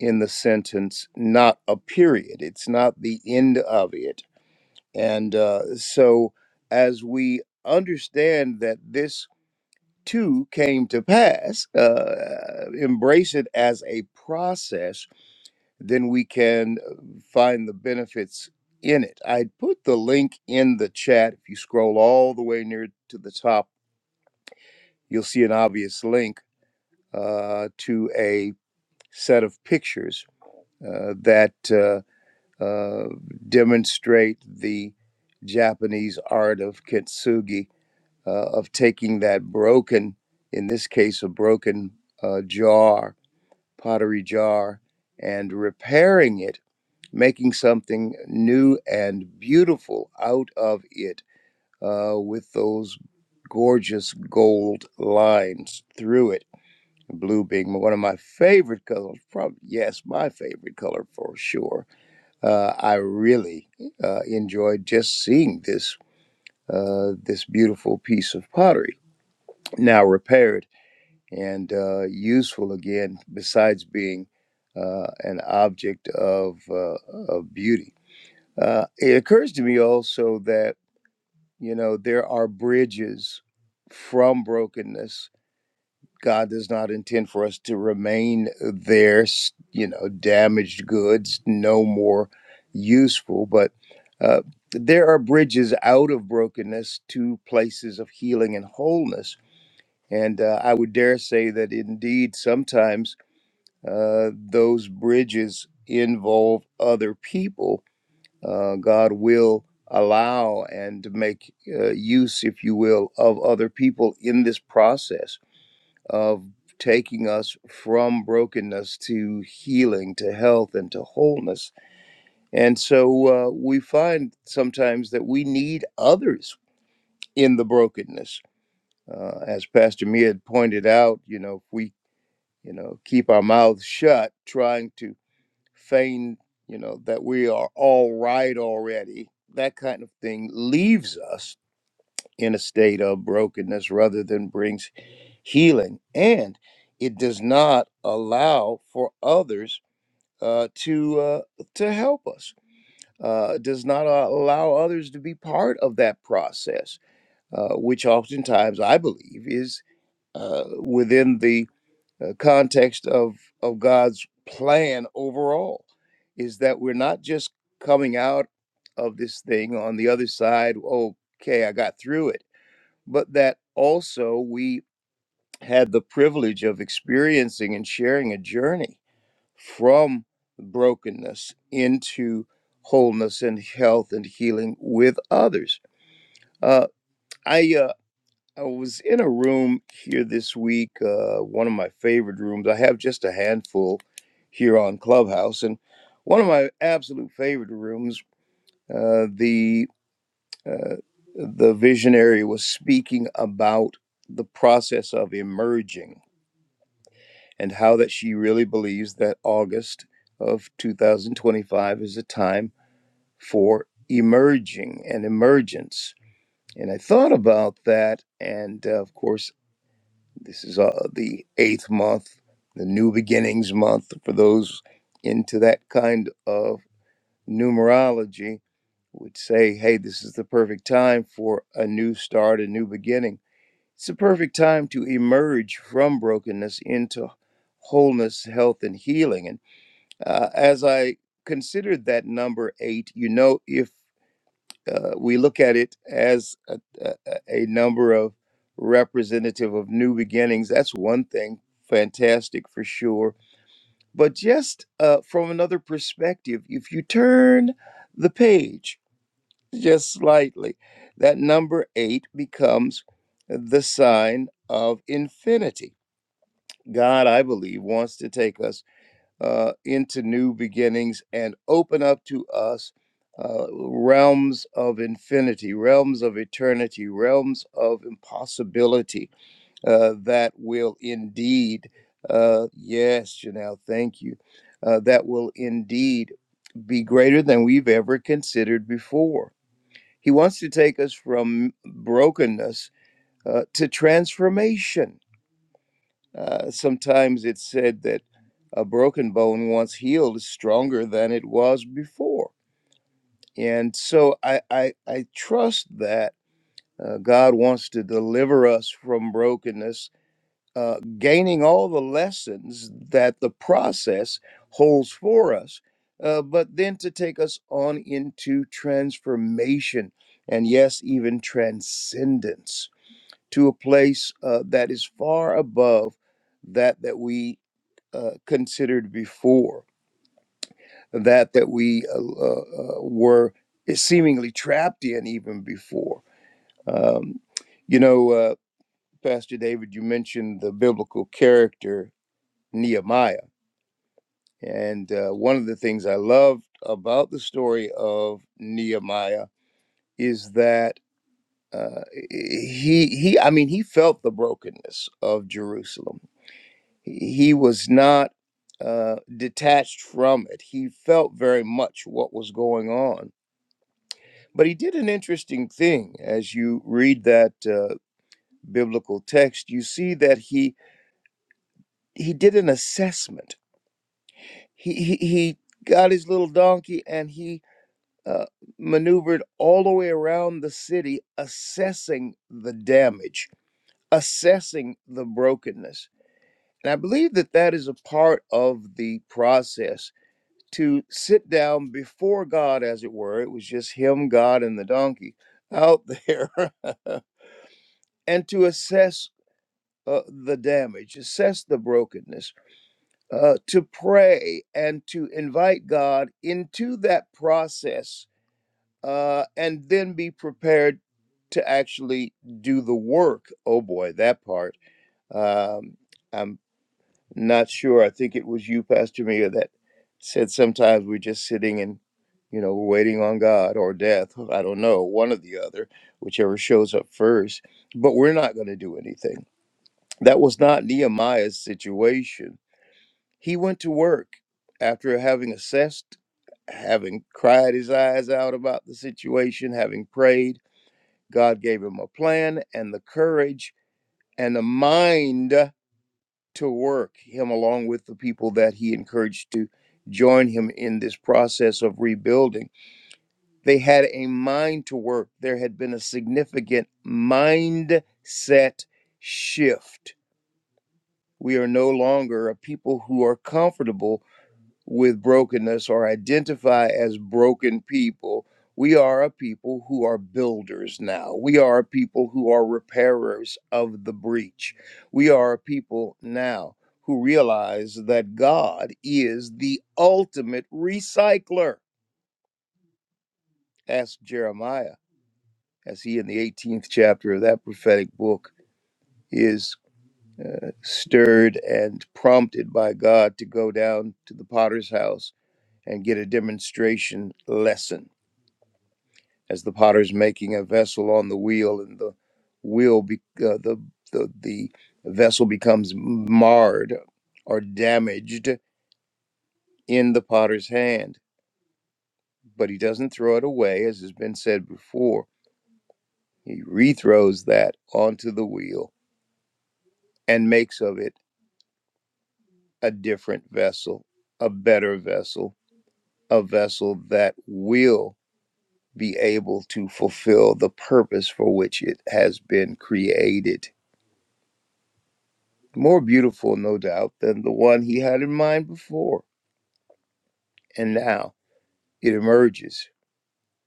Speaker 2: in the sentence, not a period. It's not the end of it. And uh, so, as we understand that this too came to pass, uh, embrace it as a process, then we can find the benefits in it. I put the link in the chat. If you scroll all the way near to the top, you'll see an obvious link uh, to a set of pictures uh, that uh, uh, demonstrate the Japanese art of kintsugi, uh, of taking that broken, in this case, a broken uh, jar, pottery jar, and repairing it, making something new and beautiful out of it uh, with those gorgeous gold lines through it Blue being one of my favorite colors, probably, yes, my favorite color for sure. Uh, I really uh, enjoyed just seeing this uh, this beautiful piece of pottery now repaired and uh, useful again. Besides being uh, an object of uh, of beauty, uh, it occurs to me also that you know there are bridges from brokenness God does not intend for us to remain there, you know, damaged goods, no more useful. But uh, there are bridges out of brokenness to places of healing and wholeness. And uh, I would dare say that indeed, sometimes uh, those bridges involve other people. Uh, God will allow and make uh, use, if you will, of other people in this process of taking us from brokenness to healing, to health, and to wholeness. And so uh, we find sometimes that we need others in the brokenness. Uh, as Pastor Mia had pointed out, you know, if we, you know, keep our mouths shut, trying to feign, you know, that we are all right already, that kind of thing leaves us in a state of brokenness rather than brings healing, and it does not allow for others uh, to uh, to help us. Uh, does not a- allow others to be part of that process, uh, which oftentimes I believe is uh, within the uh, context of of God's plan overall. Is that we're not just coming out of this thing on the other side. Okay, I got through it, but that also we had the privilege of experiencing and sharing a journey from brokenness into wholeness and health and healing with others. Uh, I uh, I was in a room here this week, uh, one of my favorite rooms. I have just a handful here on Clubhouse, and one of my absolute favorite rooms, uh, the uh, the visionary was speaking about the process of emerging and how that she really believes that August of 2025 is a time for emerging and emergence. And I thought about that, and uh, of course, this is uh, the eighth month, the new beginnings month for those into that kind of numerology would say, hey, this is the perfect time for a new start, a new beginning. It's the perfect time to emerge from brokenness into wholeness, health, and healing. And uh, as I considered that number eight, you know, if uh, we look at it as a, a, a number of representative of new beginnings, that's one thing, fantastic for sure. But just uh, from another perspective, if you turn the page just slightly, that number eight becomes the sign of infinity. God, I believe, wants to take us uh, into new beginnings and open up to us uh, realms of infinity, realms of eternity, realms of impossibility uh, that will indeed, uh, yes, Janelle, thank you, uh, that will indeed be greater than we've ever considered before. He wants to take us from brokenness uh, to transformation uh, sometimes it's said that a broken bone, once healed, is stronger than it was before. And so I, I, I trust that uh, God wants to deliver us from brokenness, uh, gaining all the lessons that the process holds for us, uh, but then to take us on into transformation and, yes, even transcendence to a place uh, that is far above that that we uh, considered before that that we uh, uh, uh, were seemingly trapped in even before. Um, you know, uh, Pastor David, you mentioned the biblical character Nehemiah, and uh, one of the things I loved about the story of Nehemiah is that uh, he he I mean he felt the brokenness of Jerusalem he was not uh, detached from it. He felt very much what was going on. But he did an interesting thing. As you read that uh, biblical text, you see that he he did an assessment. He he, he got his little donkey and he uh, maneuvered all the way around the city, assessing the damage, assessing the brokenness. And I believe that that is a part of the process to sit down before God, as it were. It was just him, God, and the donkey out there, and to assess uh, the damage, assess the brokenness, uh, to pray and to invite God into that process, uh, and then be prepared to actually do the work. Oh boy, that part. Um, I'm Not sure. I think it was you, Pastor Mia, that said sometimes we're just sitting and, you know, we're waiting on God or death. I don't know, one or the other, whichever shows up first. But we're not going to do anything. That was not Nehemiah's situation. He went to work after having assessed, having cried his eyes out about the situation, having prayed. God gave him a plan and the courage and the mind to work, him along with the people that he encouraged to join him in this process of rebuilding. They had a mind to work. There had been a significant mindset shift. We are no longer a people who are comfortable with brokenness or identify as broken people. We are a people who are builders now. We are a people who are repairers of the breach. We are a people now who realize that God is the ultimate recycler. Ask Jeremiah as he, in the 18th chapter of that prophetic book, is uh, stirred and prompted by God to go down to the potter's house and get a demonstration lesson as the potter's making a vessel on the wheel and the wheel be, uh, the, the the vessel becomes marred or damaged in the potter's hand but he doesn't throw it away as has been said before he rethrows that onto the wheel and makes of it a different vessel a better vessel a vessel that will be able to fulfill the purpose for which it has been created more beautiful, no doubt, than the one he had in mind before. And now it emerges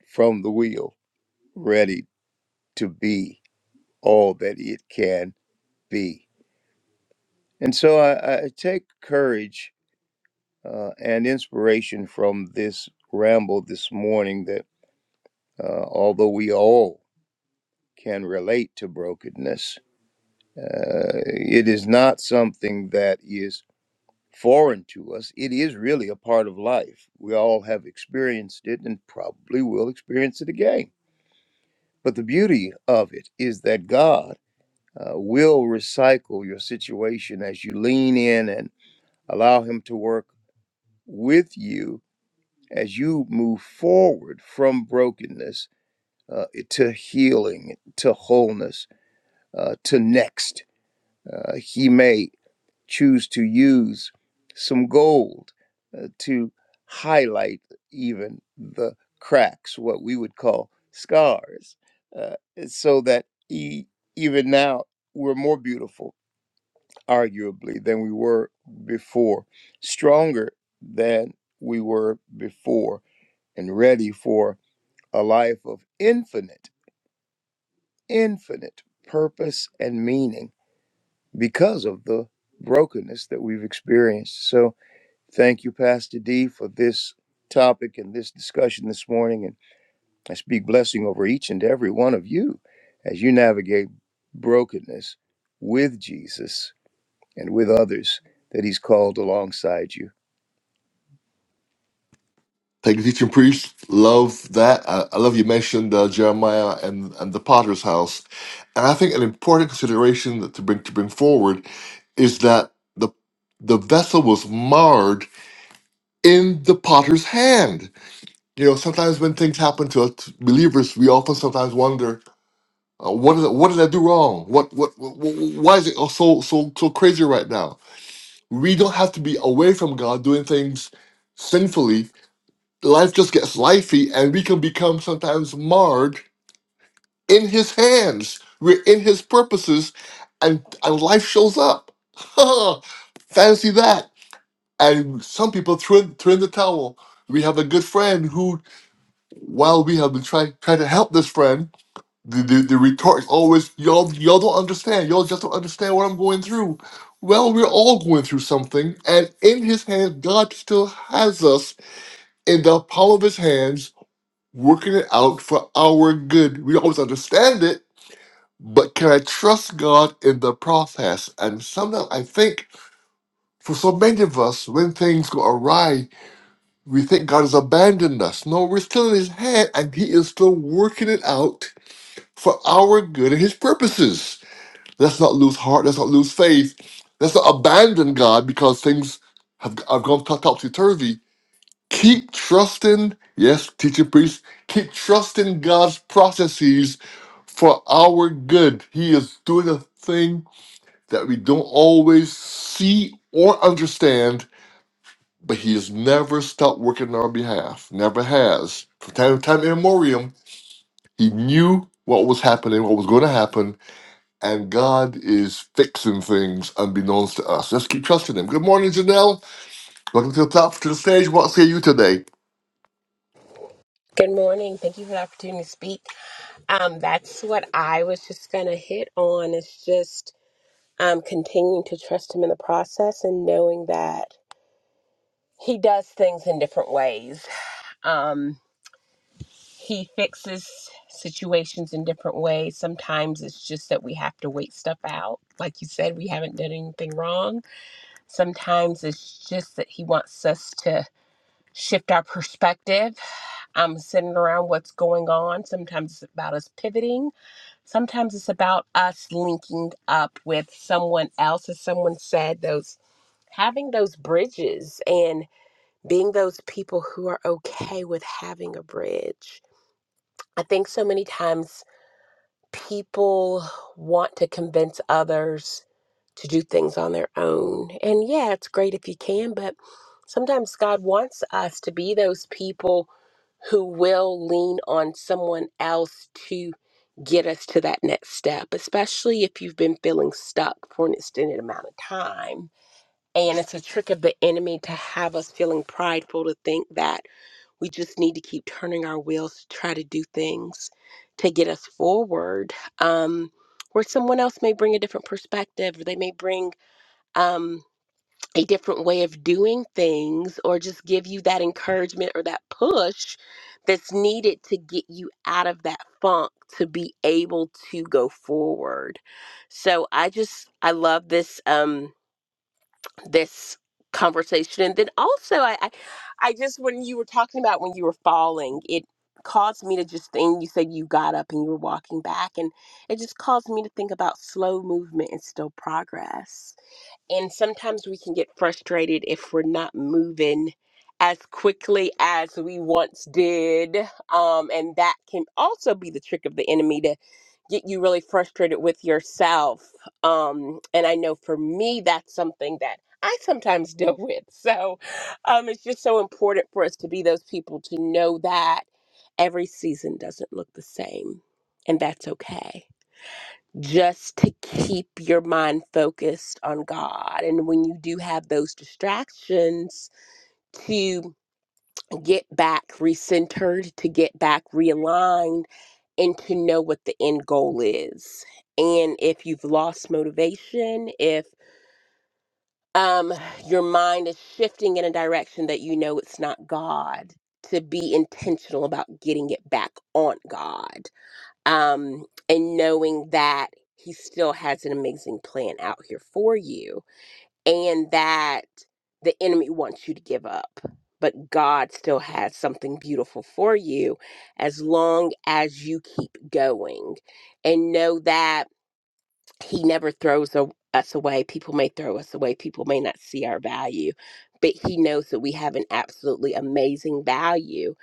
Speaker 2: from the wheel, ready to be all that it can be. And so I, I take courage uh, and inspiration from this ramble this morning that uh, although we all can relate to brokenness, uh, it is not something that is foreign to us. It is really a part of life. We all have experienced it and probably will experience it again. But the beauty of it is that God uh, will recycle your situation as you lean in and allow Him to work with you as you move forward from brokenness uh, to healing, to wholeness, uh, to next. Uh, he may choose to use some gold uh, to highlight even the cracks, what we would call scars, uh, so that e- even now we're more beautiful, arguably, than we were before, stronger than we were before, and ready for a life of infinite, infinite purpose and meaning because of the brokenness that we've experienced. So, Thank you, Pastor D, for this topic and this discussion this morning. And I speak blessing over each and every one of you as you navigate brokenness with Jesus and with others that He's called alongside you.
Speaker 1: Thank you, teaching priest. Love that. I, I love you mentioned uh, Jeremiah and, and the Potter's house, and I think an important consideration that to bring to bring forward is that the the vessel was marred in the Potter's hand You know, sometimes when things happen to us believers, we often sometimes wonder, uh, what did I, what did I do wrong? What what, what why is it all so so so crazy right now? We don't have to be away from God doing things sinfully. Life just gets lifey, and we can become sometimes marred in His hands. We're in His purposes, and and life shows up. Fancy that! And some people threw in, threw in the towel. We have a good friend who while we have been trying trying to help this friend, the the, the retort is always y'all y'all don't understand. Y'all just don't understand what I'm going through. Well, we're all going through something, and in His hands, God still has us in the palm of His hands, working it out for our good. We always understand it, but can I trust God in the process? And sometimes I think. For so many of us, when things go awry, we think God has abandoned us. No, we're still in His hand, and He is still working it out for our good and his purposes. Let's not lose heart. Let's not lose faith. Let's not abandon God because things have, have gone topsy turvy. Keep trusting, yes, teacher priest, keep trusting God's processes for our good. He is doing a thing that we don't always see or understand, but He has never stopped working on our behalf. Never has. From time to time immemorial, He knew what was happening, what was going to happen, and God is fixing things unbeknownst to us. Just keep trusting Him. Good morning, Janelle. Welcome to the top to the stage. What say you today?
Speaker 4: Good morning. Thank you for the opportunity to speak. Um, that's what I was just going to hit on is just um, continuing to trust him in the process and knowing that he does things in different ways. Um, he fixes situations in different ways. Sometimes it's just that we have to wait stuff out. Like you said, we haven't done anything wrong. Sometimes it's just that he wants us to shift our perspective I'm sitting around what's going on. Sometimes it's about us pivoting. Sometimes it's about us linking up with someone else, as someone said, those having those bridges and being those people who are okay with having a bridge. I think so many times people want to convince others to do things on their own. And yeah, it's great if you can, but sometimes God wants us to be those people who will lean on someone else to get us to that next step, especially if you've been feeling stuck for an extended amount of time. And it's a trick of the enemy to have us feeling prideful to think that. We just need to keep turning our wheels to try to do things to get us forward, um, where someone else may bring a different perspective, or they may bring um, a different way of doing things, or just give you that encouragement or that push that's needed to get you out of that funk to be able to go forward. So I just, I love this. Um, this conversation and then also I, I i just when you were talking about when you were falling it caused me to just think you said you got up and you were walking back and it just caused me to think about slow movement and still progress and sometimes we can get frustrated if we're not moving as quickly as we once did. Um, and that can also be the trick of the enemy to get you really frustrated with yourself. Um, and I know for me, that's something that I sometimes deal with. So um, it's just so important for us to be those people to know that every season doesn't look the same, and that's okay just to keep your mind focused on God. And when you do have those distractions, to get back recentered, to get back realigned, and to know what the end goal is. And if you've lost motivation, if um, your mind is shifting in a direction that you know it's not God, to be intentional about getting it back on God um, and knowing that he still has an amazing plan out here for you and that the enemy wants you to give up but god still has something beautiful for you as long as you keep going and know that he never throws a, us away. People may throw us away. People may not see our value, but he knows that we have an absolutely amazing value.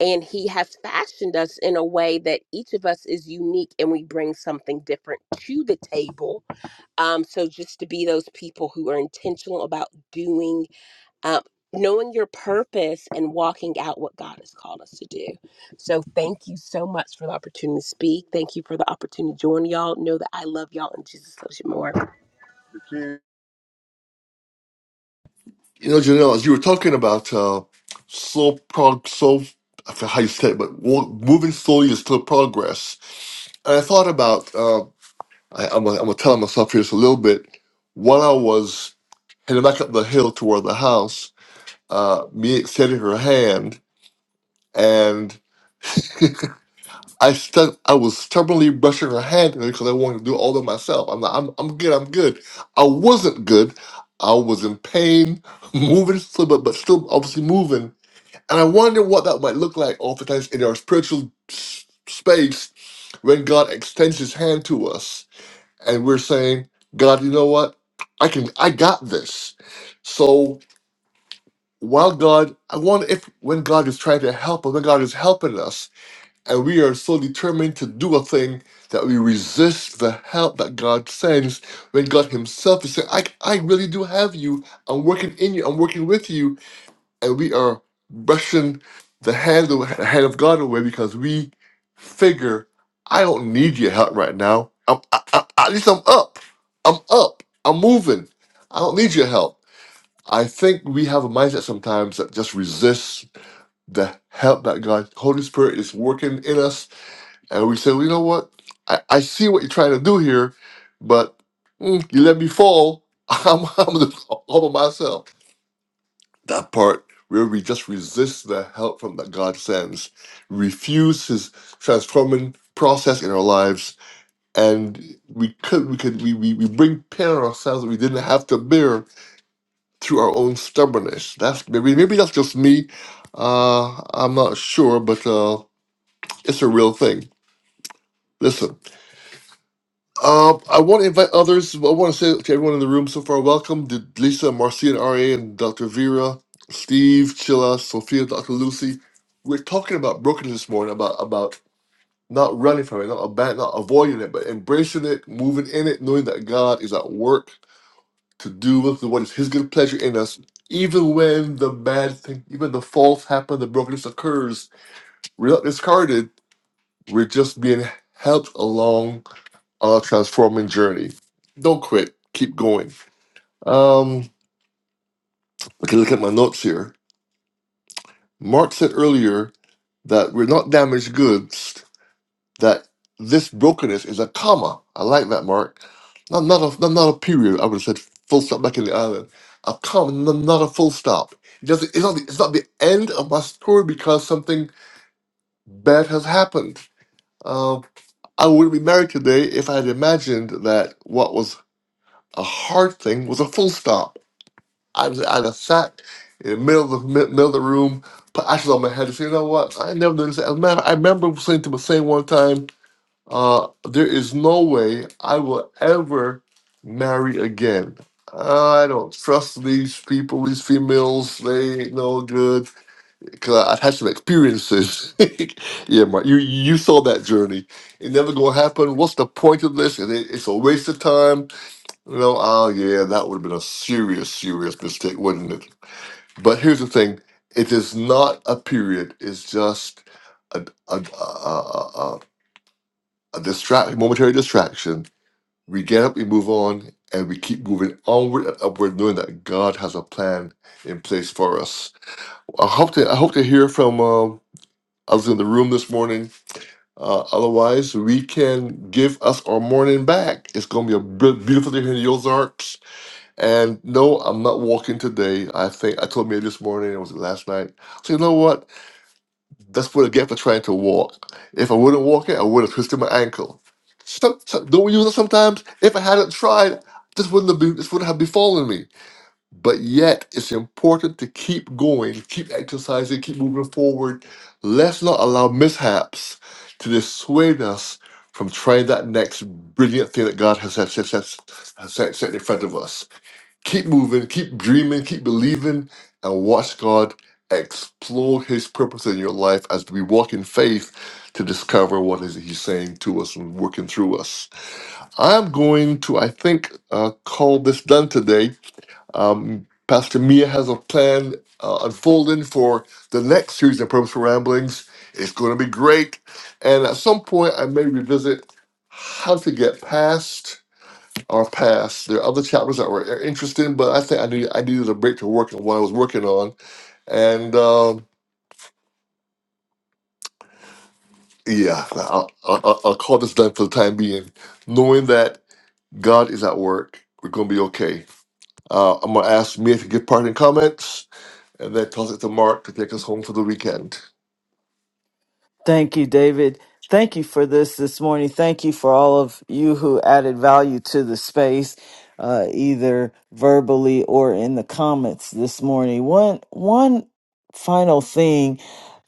Speaker 4: And he has fashioned us in a way that each of us is unique and we bring something different to the table. Um, so just to be those people who are intentional about doing um, knowing your purpose and walking out what God has called us to do. So, thank you so much for the opportunity to speak. Thank you for the opportunity to join y'all. Know that I love y'all and Jesus loves you more.
Speaker 1: You know, Janelle, as you were talking about uh, slow prog, slow. I forget how you said it, but wa- moving slowly is still progress. And I thought about. Uh, I, I'm gonna I'm gonna tell myself here just a little bit. While I was heading back up the hill toward the house, uh, Miek extended her hand, and I stu- I was stubbornly brushing her hand because I wanted to do all of it myself. I'm like, I'm, I'm good, I'm good. I wasn't good. I was in pain, moving slow, but, but still obviously moving. And I wonder what that might look like oftentimes in our spiritual s- space when God extends his hand to us and we're saying, God, you know what? I can, I got this. So while God, I wonder if when God is trying to help us, when God is helping us, and we are so determined to do a thing that we resist the help that God sends when God Himself is saying, I, I really do have you. I'm working in you. I'm working with you. And we are brushing the hand, the hand of God away because we figure, I don't need your help right now. I'm, I, I, at least I'm up. I'm up. I'm moving. I don't need your help. I think we have a mindset sometimes that just resists the help that God, Holy Spirit, is working in us and we said, well, you know what? I, I see what you're trying to do here, but mm, you let me fall. I'm, I'm gonna fall all by myself. That part where we just resist the help from that God sends, refuse His transforming process in our lives, and we could we could we we, we bring pain on ourselves that we didn't have to bear through our own stubbornness. That's maybe maybe that's just me. Uh, I'm not sure, but uh, it's a real thing. Listen. Um, I want to invite others. I want to say to everyone in the room so far, welcome to Lisa, Marcia, and Ra, and Dr. Vera, Steve, Chilla, Sophia, Dr. Lucy. We're talking about brokenness this morning, about about not running from it, not about not avoiding it, but embracing it, moving in it, knowing that God is at work to do with what is His good pleasure in us, even when the bad thing, even the faults happen, the brokenness occurs. We're not discarded. We're just being helped along on our transforming journey. Don't quit, keep going. Um, okay, look at my notes here. Mark said earlier that we're not damaged goods, that this brokenness is a comma. I like that, Mark. Not, not, a, not, not a period. I would have said full stop back in the island. A comma, not, not a full stop. It doesn't, it's, not the, it's not the end of my story because something bad has happened. Um, I wouldn't be married today if I had imagined that what was a hard thing was a full stop I was I just sat in the middle of the mi- middle of the room, put ashes on my head and said, you know what? I never done this. As a matter, I remember saying to myself one time, uh, there is no way I will ever marry again. Uh, I don't trust these people, these females. They ain't no good. Cause I've had some experiences. yeah, Mark, you you saw that journey. It never gonna happen. What's the point of this? And it, it's a waste of time. You know, oh yeah, that would have been a serious, serious mistake, wouldn't it? But here's the thing: it is not a period. It's just a a a, a, a, distract, momentary distraction. We get up, we move on, and we keep moving onward and upward, knowing that God has a plan in place for us. I hope to I hope to hear from um, others in the room this morning. Uh, otherwise, we can give us our morning back. It's going to be a br- beautiful day here in the Ozarks. And no, I'm not walking today. I think I told me this morning, it was last night. So you know what? That's what I get for trying to walk. If I wouldn't walk it, I would have twisted my ankle. So, so- don't we use it sometimes? If I hadn't tried, this wouldn't have been, this wouldn't have befallen me. But yet, it's important to keep going, keep exercising, keep moving forward. Let's not allow mishaps to dissuade us from trying that next brilliant thing that God has set, set, set, has set, set in front of us keep moving, keep dreaming, keep believing, and watch God explore His purpose in your life as we walk in faith to discover what is He's saying to us and working through us. I'm going to, I think, uh, call this done today. Um, Pastor Mia has a plan uh, unfolding for the next series of Purposeful Ramblings. It's going to be great, and at some point, I may revisit how to get past are past. There are other chapters that were interesting, but I think I need I needed a break to work on what I was working on. And um, yeah, I'll, I'll, I'll call this done for the time being, knowing that God is at work. We're gonna be okay. Uh, I'm gonna ask Mia to give parting comments, and then toss it to Mark to take us home for the weekend.
Speaker 3: Thank you, David. Thank you for this this morning. Thank you for all of you who added value to the space, uh, either verbally or in the comments this morning. One, one final thing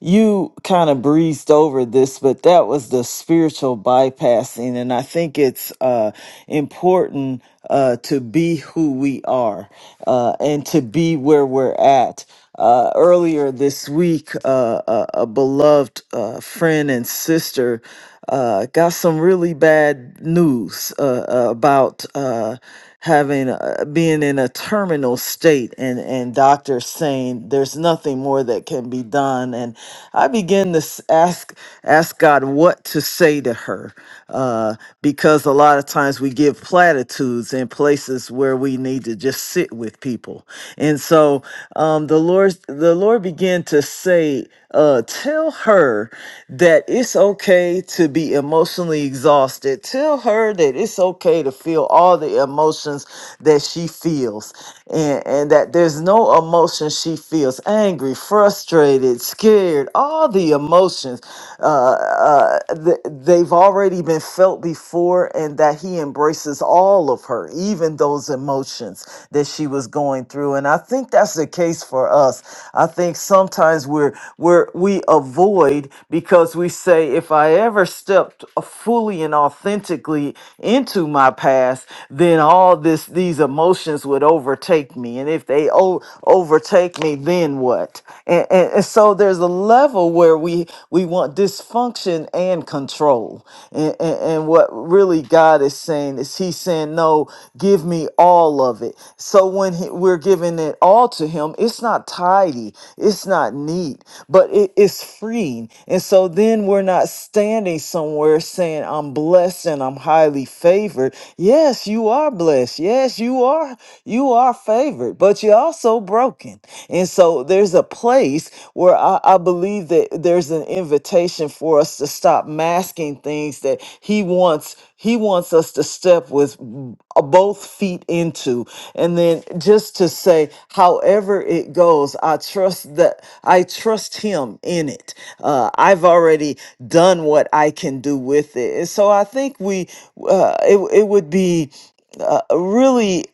Speaker 3: you kind of breezed over this but that was the spiritual bypassing and i think it's uh important uh to be who we are uh and to be where we're at uh earlier this week uh a, a beloved uh friend and sister uh got some really bad news uh, uh, about uh having uh, being in a terminal state and and doctors saying there's nothing more that can be done and i begin to s- ask ask god what to say to her uh because a lot of times we give platitudes in places where we need to just sit with people and so um the lord the lord began to say uh, tell her that it's okay to be emotionally exhausted. Tell her that it's okay to feel all the emotions that she feels, and, and that there's no emotion she feels angry, frustrated, scared, all the emotions. Uh, uh, th- they've already been felt before, and that he embraces all of her, even those emotions that she was going through. And I think that's the case for for us. I think sometimes we're we're we avoid because we say if I ever stepped fully and authentically into my past, then all this these emotions would overtake me. And if they o- overtake me, then what? And, and, and so there's a level where we we want dysfunction and control. And, and, and what really God is saying is He's saying, No, give me all of it. So when he, we're giving it all to him, it's not tidy, it's not neat, but it is freeing. And so then we're not standing somewhere saying, I'm blessed and I'm highly favored. Yes, you are blessed. Yes, you are. You are favored, but you're also broken. And so there's a place where I, I believe that there's an invitation for us to stop masking things that he wants he wants us to step with b- both feet into. And then just to say, however it goes, I trust that I trust him in it. Uh, I've already done what I can do with it. And so I think we, uh, it, it would be uh, really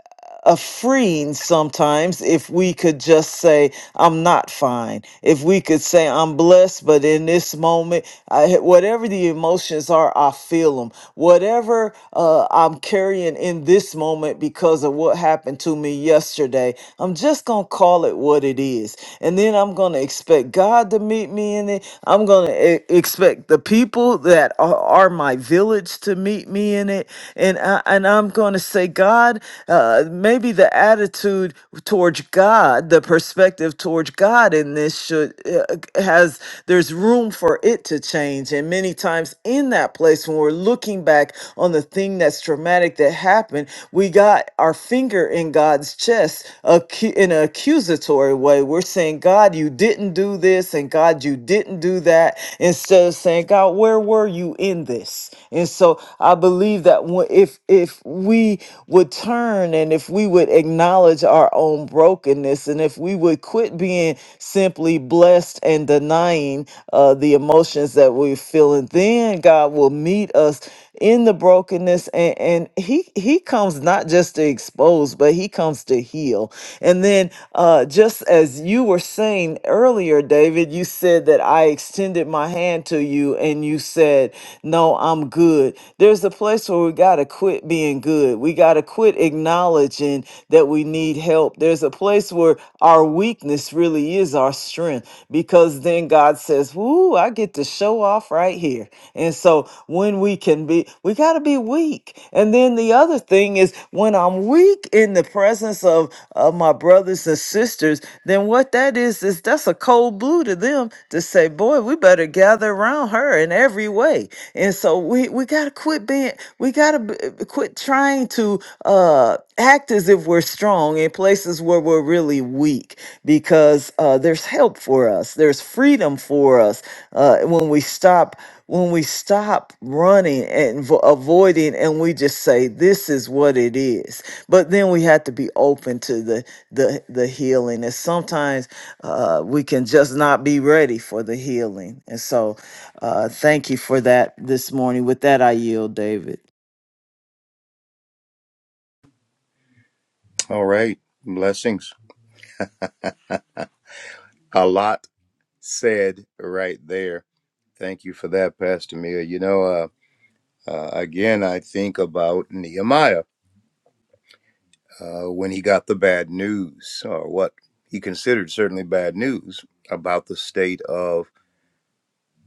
Speaker 3: a freeing sometimes if we could just say i'm not fine if we could say i'm blessed but in this moment I, whatever the emotions are i feel them whatever uh, i'm carrying in this moment because of what happened to me yesterday i'm just gonna call it what it is and then i'm gonna expect god to meet me in it i'm gonna e- expect the people that are, are my village to meet me in it and I, and i'm gonna say god uh, maybe the attitude towards God, the perspective towards God in this should uh, has there's room for it to change. And many times in that place, when we're looking back on the thing that's traumatic that happened, we got our finger in God's chest acu- in an accusatory way. We're saying, God, you didn't do this, and God, you didn't do that. Instead of saying, God, where were you in this? And so I believe that when- if if we would turn and if we would acknowledge our own brokenness and if we would quit being simply blessed and denying uh, the emotions that we're feeling, then God will meet us in the brokenness and, and he he comes not just to expose but he comes to heal and then uh just as you were saying earlier david you said that i extended my hand to you and you said no i'm good there's a place where we got to quit being being good. We got to quit acknowledging that we need help. There's a place where our weakness really is our strength because then God says, Woo, I get to show off right here. And so when we can be, we got to be weak. And then the other thing is when I'm weak in the presence of, of my brothers and sisters, then what that is, is that's a cold blue to them to say, Boy, we better gather around her in every way. And so we, we got to quit being, we got to b- quit trying to uh, act as if we're strong in places where we're really weak because uh, there's help for us there's freedom for us uh, when we stop when we stop running and vo- avoiding and we just say this is what it is but then we have to be open to the the, the healing and sometimes uh, we can just not be ready for the healing and so uh, thank you for that this morning with that i yield david
Speaker 2: All right. Blessings. A lot said right there. Thank you for that, Pastor Mia. You know, uh, uh, again, I think about Nehemiah. uh, when he got the bad news, or what he considered certainly bad news, about the state of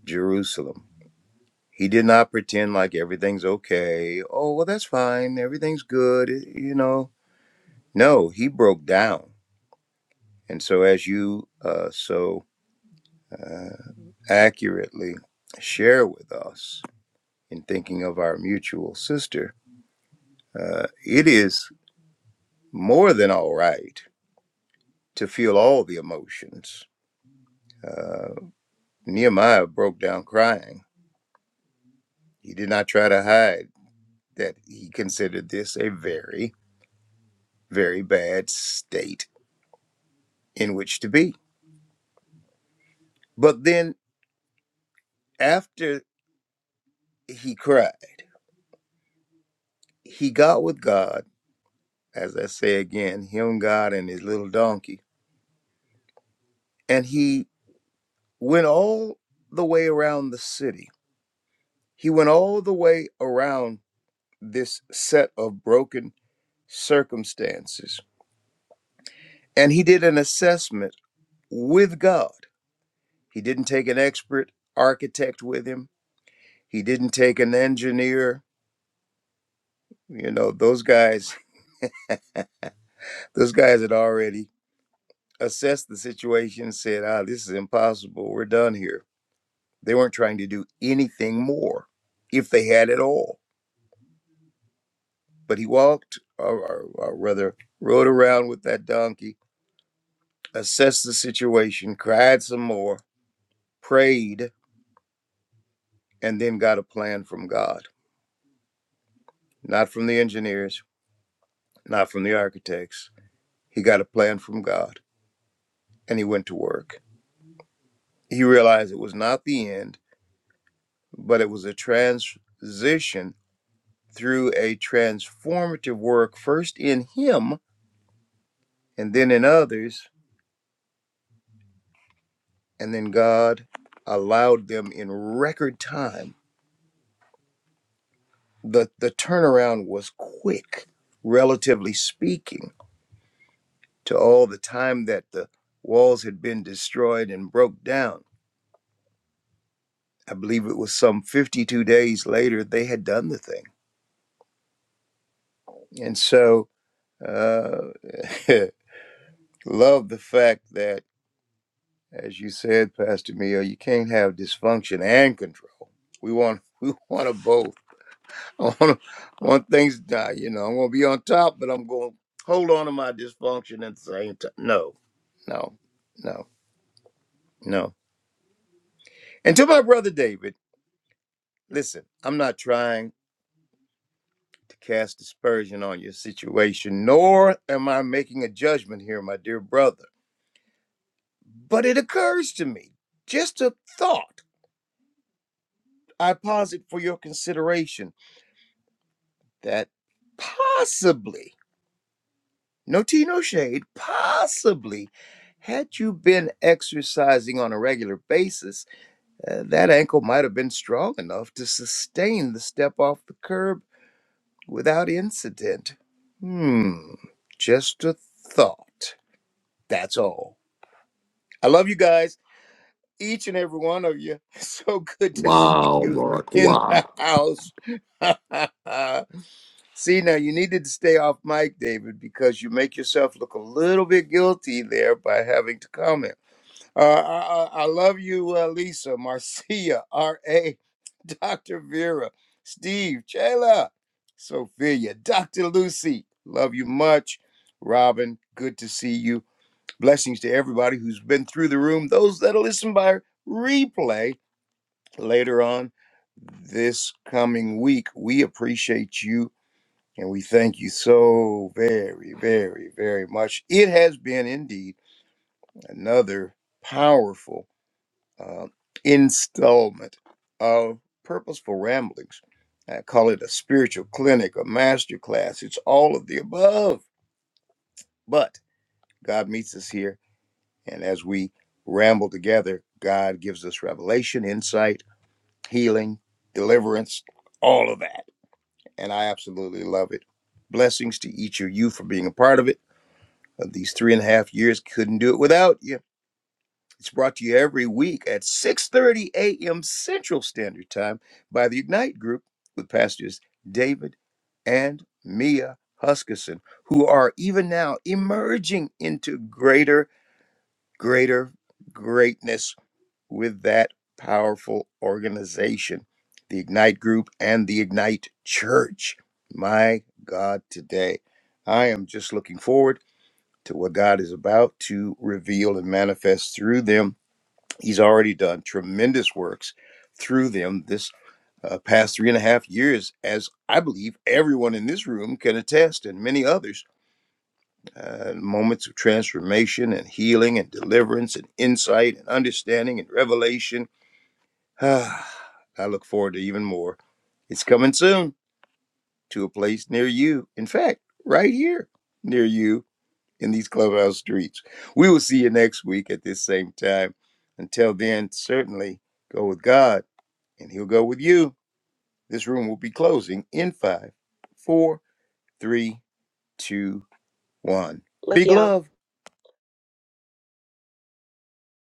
Speaker 2: Jerusalem. He did not pretend like everything's okay. Oh, well, that's fine. Everything's good. You know, no, he broke down. And so, as you uh, so uh, accurately share with us in thinking of our mutual sister, uh, it is more than all right to feel all the emotions uh, Nehemiah broke down crying. He did not try to hide that he considered this a very, very bad state in which to be. But then after he cried, he got with God, as I say again, him, God, and his little donkey, and he went all the way around the city. He went all the way around this set of broken circumstances, and he did an assessment with God He didn't take an expert architect with him. He didn't take an engineer. You know, those guys, those guys had already assessed the situation and said, ah, this is impossible. We're done here. They weren't trying to do anything more if they had at all. But he walked, or, or, or rather, rode around with that donkey, assessed the situation, cried some more, prayed, and then got a plan from God. Not from the engineers, not from the architects. He got a plan from God and he went to work. He realized it was not the end, but it was a transition through a transformative work, first in him and then in others. And then God allowed them in record time. The, the turnaround was quick, relatively speaking, to all the time that the walls had been destroyed and broke down. I believe it was some 52 days later they had done the thing. And so uh, Love the fact that, as you said, Pastor Mia, you can't have dysfunction and control. We want we want to both. I want to, want things to die. You know, I'm going to be on top, but I'm going to hold on to my dysfunction at the same time. No, no, no, no. And to my brother David, listen, I'm not trying to cast dispersion on your situation, nor am I making a judgment here, my dear brother. But it occurs to me, just a thought I posit for your consideration that possibly, no tea, no shade, possibly, had you been exercising on a regular basis, uh, that ankle might have been strong enough to sustain the step off the curb without incident. Hmm, just a thought. That's all. I love you guys, each and every one of you. So good to see you in the house. See, now you needed to stay off mic, David, because you make yourself look a little bit guilty there by having to comment. Uh, I, I I love you, uh, Lisa, Marcia, R.A., Dr. Vera, Steve, Jayla, Sophia, Dr. Lucy. Love you much. Robin, good to see you. Blessings to everybody who's been through the room, those that'll listen by replay later on this coming week. We appreciate you and we thank you so very, very, very much. It has been indeed another powerful uh, installment of Purposeful Ramblings. I call it a spiritual clinic, a master class. It's all of the above. But God meets us here. And as we ramble together, God gives us revelation, insight, healing, deliverance, all of that. And I absolutely love it. Blessings to each of you for being a part of it. Uh, these three and a half years couldn't do it without you. It's brought to you every week at 6:30 a.m. Central Standard Time by the Ignite Group with pastors David and Mia Huskisson, who are even now emerging into greater, greater greatness with that powerful organization, the Ignite Group and the Ignite Church. My God, today I am just looking forward to what God is about to reveal and manifest through them. He's already done tremendous works through them this uh, past three and a half years, as I believe everyone in this room can attest, and many others. Uh, moments of transformation and healing and deliverance and insight and understanding and revelation. I look forward to even more. It's coming soon to a place near you. In fact, right here near you in these clubhouse streets. We will see you next week at this same time. Until then, certainly go with God and He'll go with you. This room will be closing in five, four, three, two, one.
Speaker 4: Love
Speaker 2: Big
Speaker 4: y'all.
Speaker 2: love.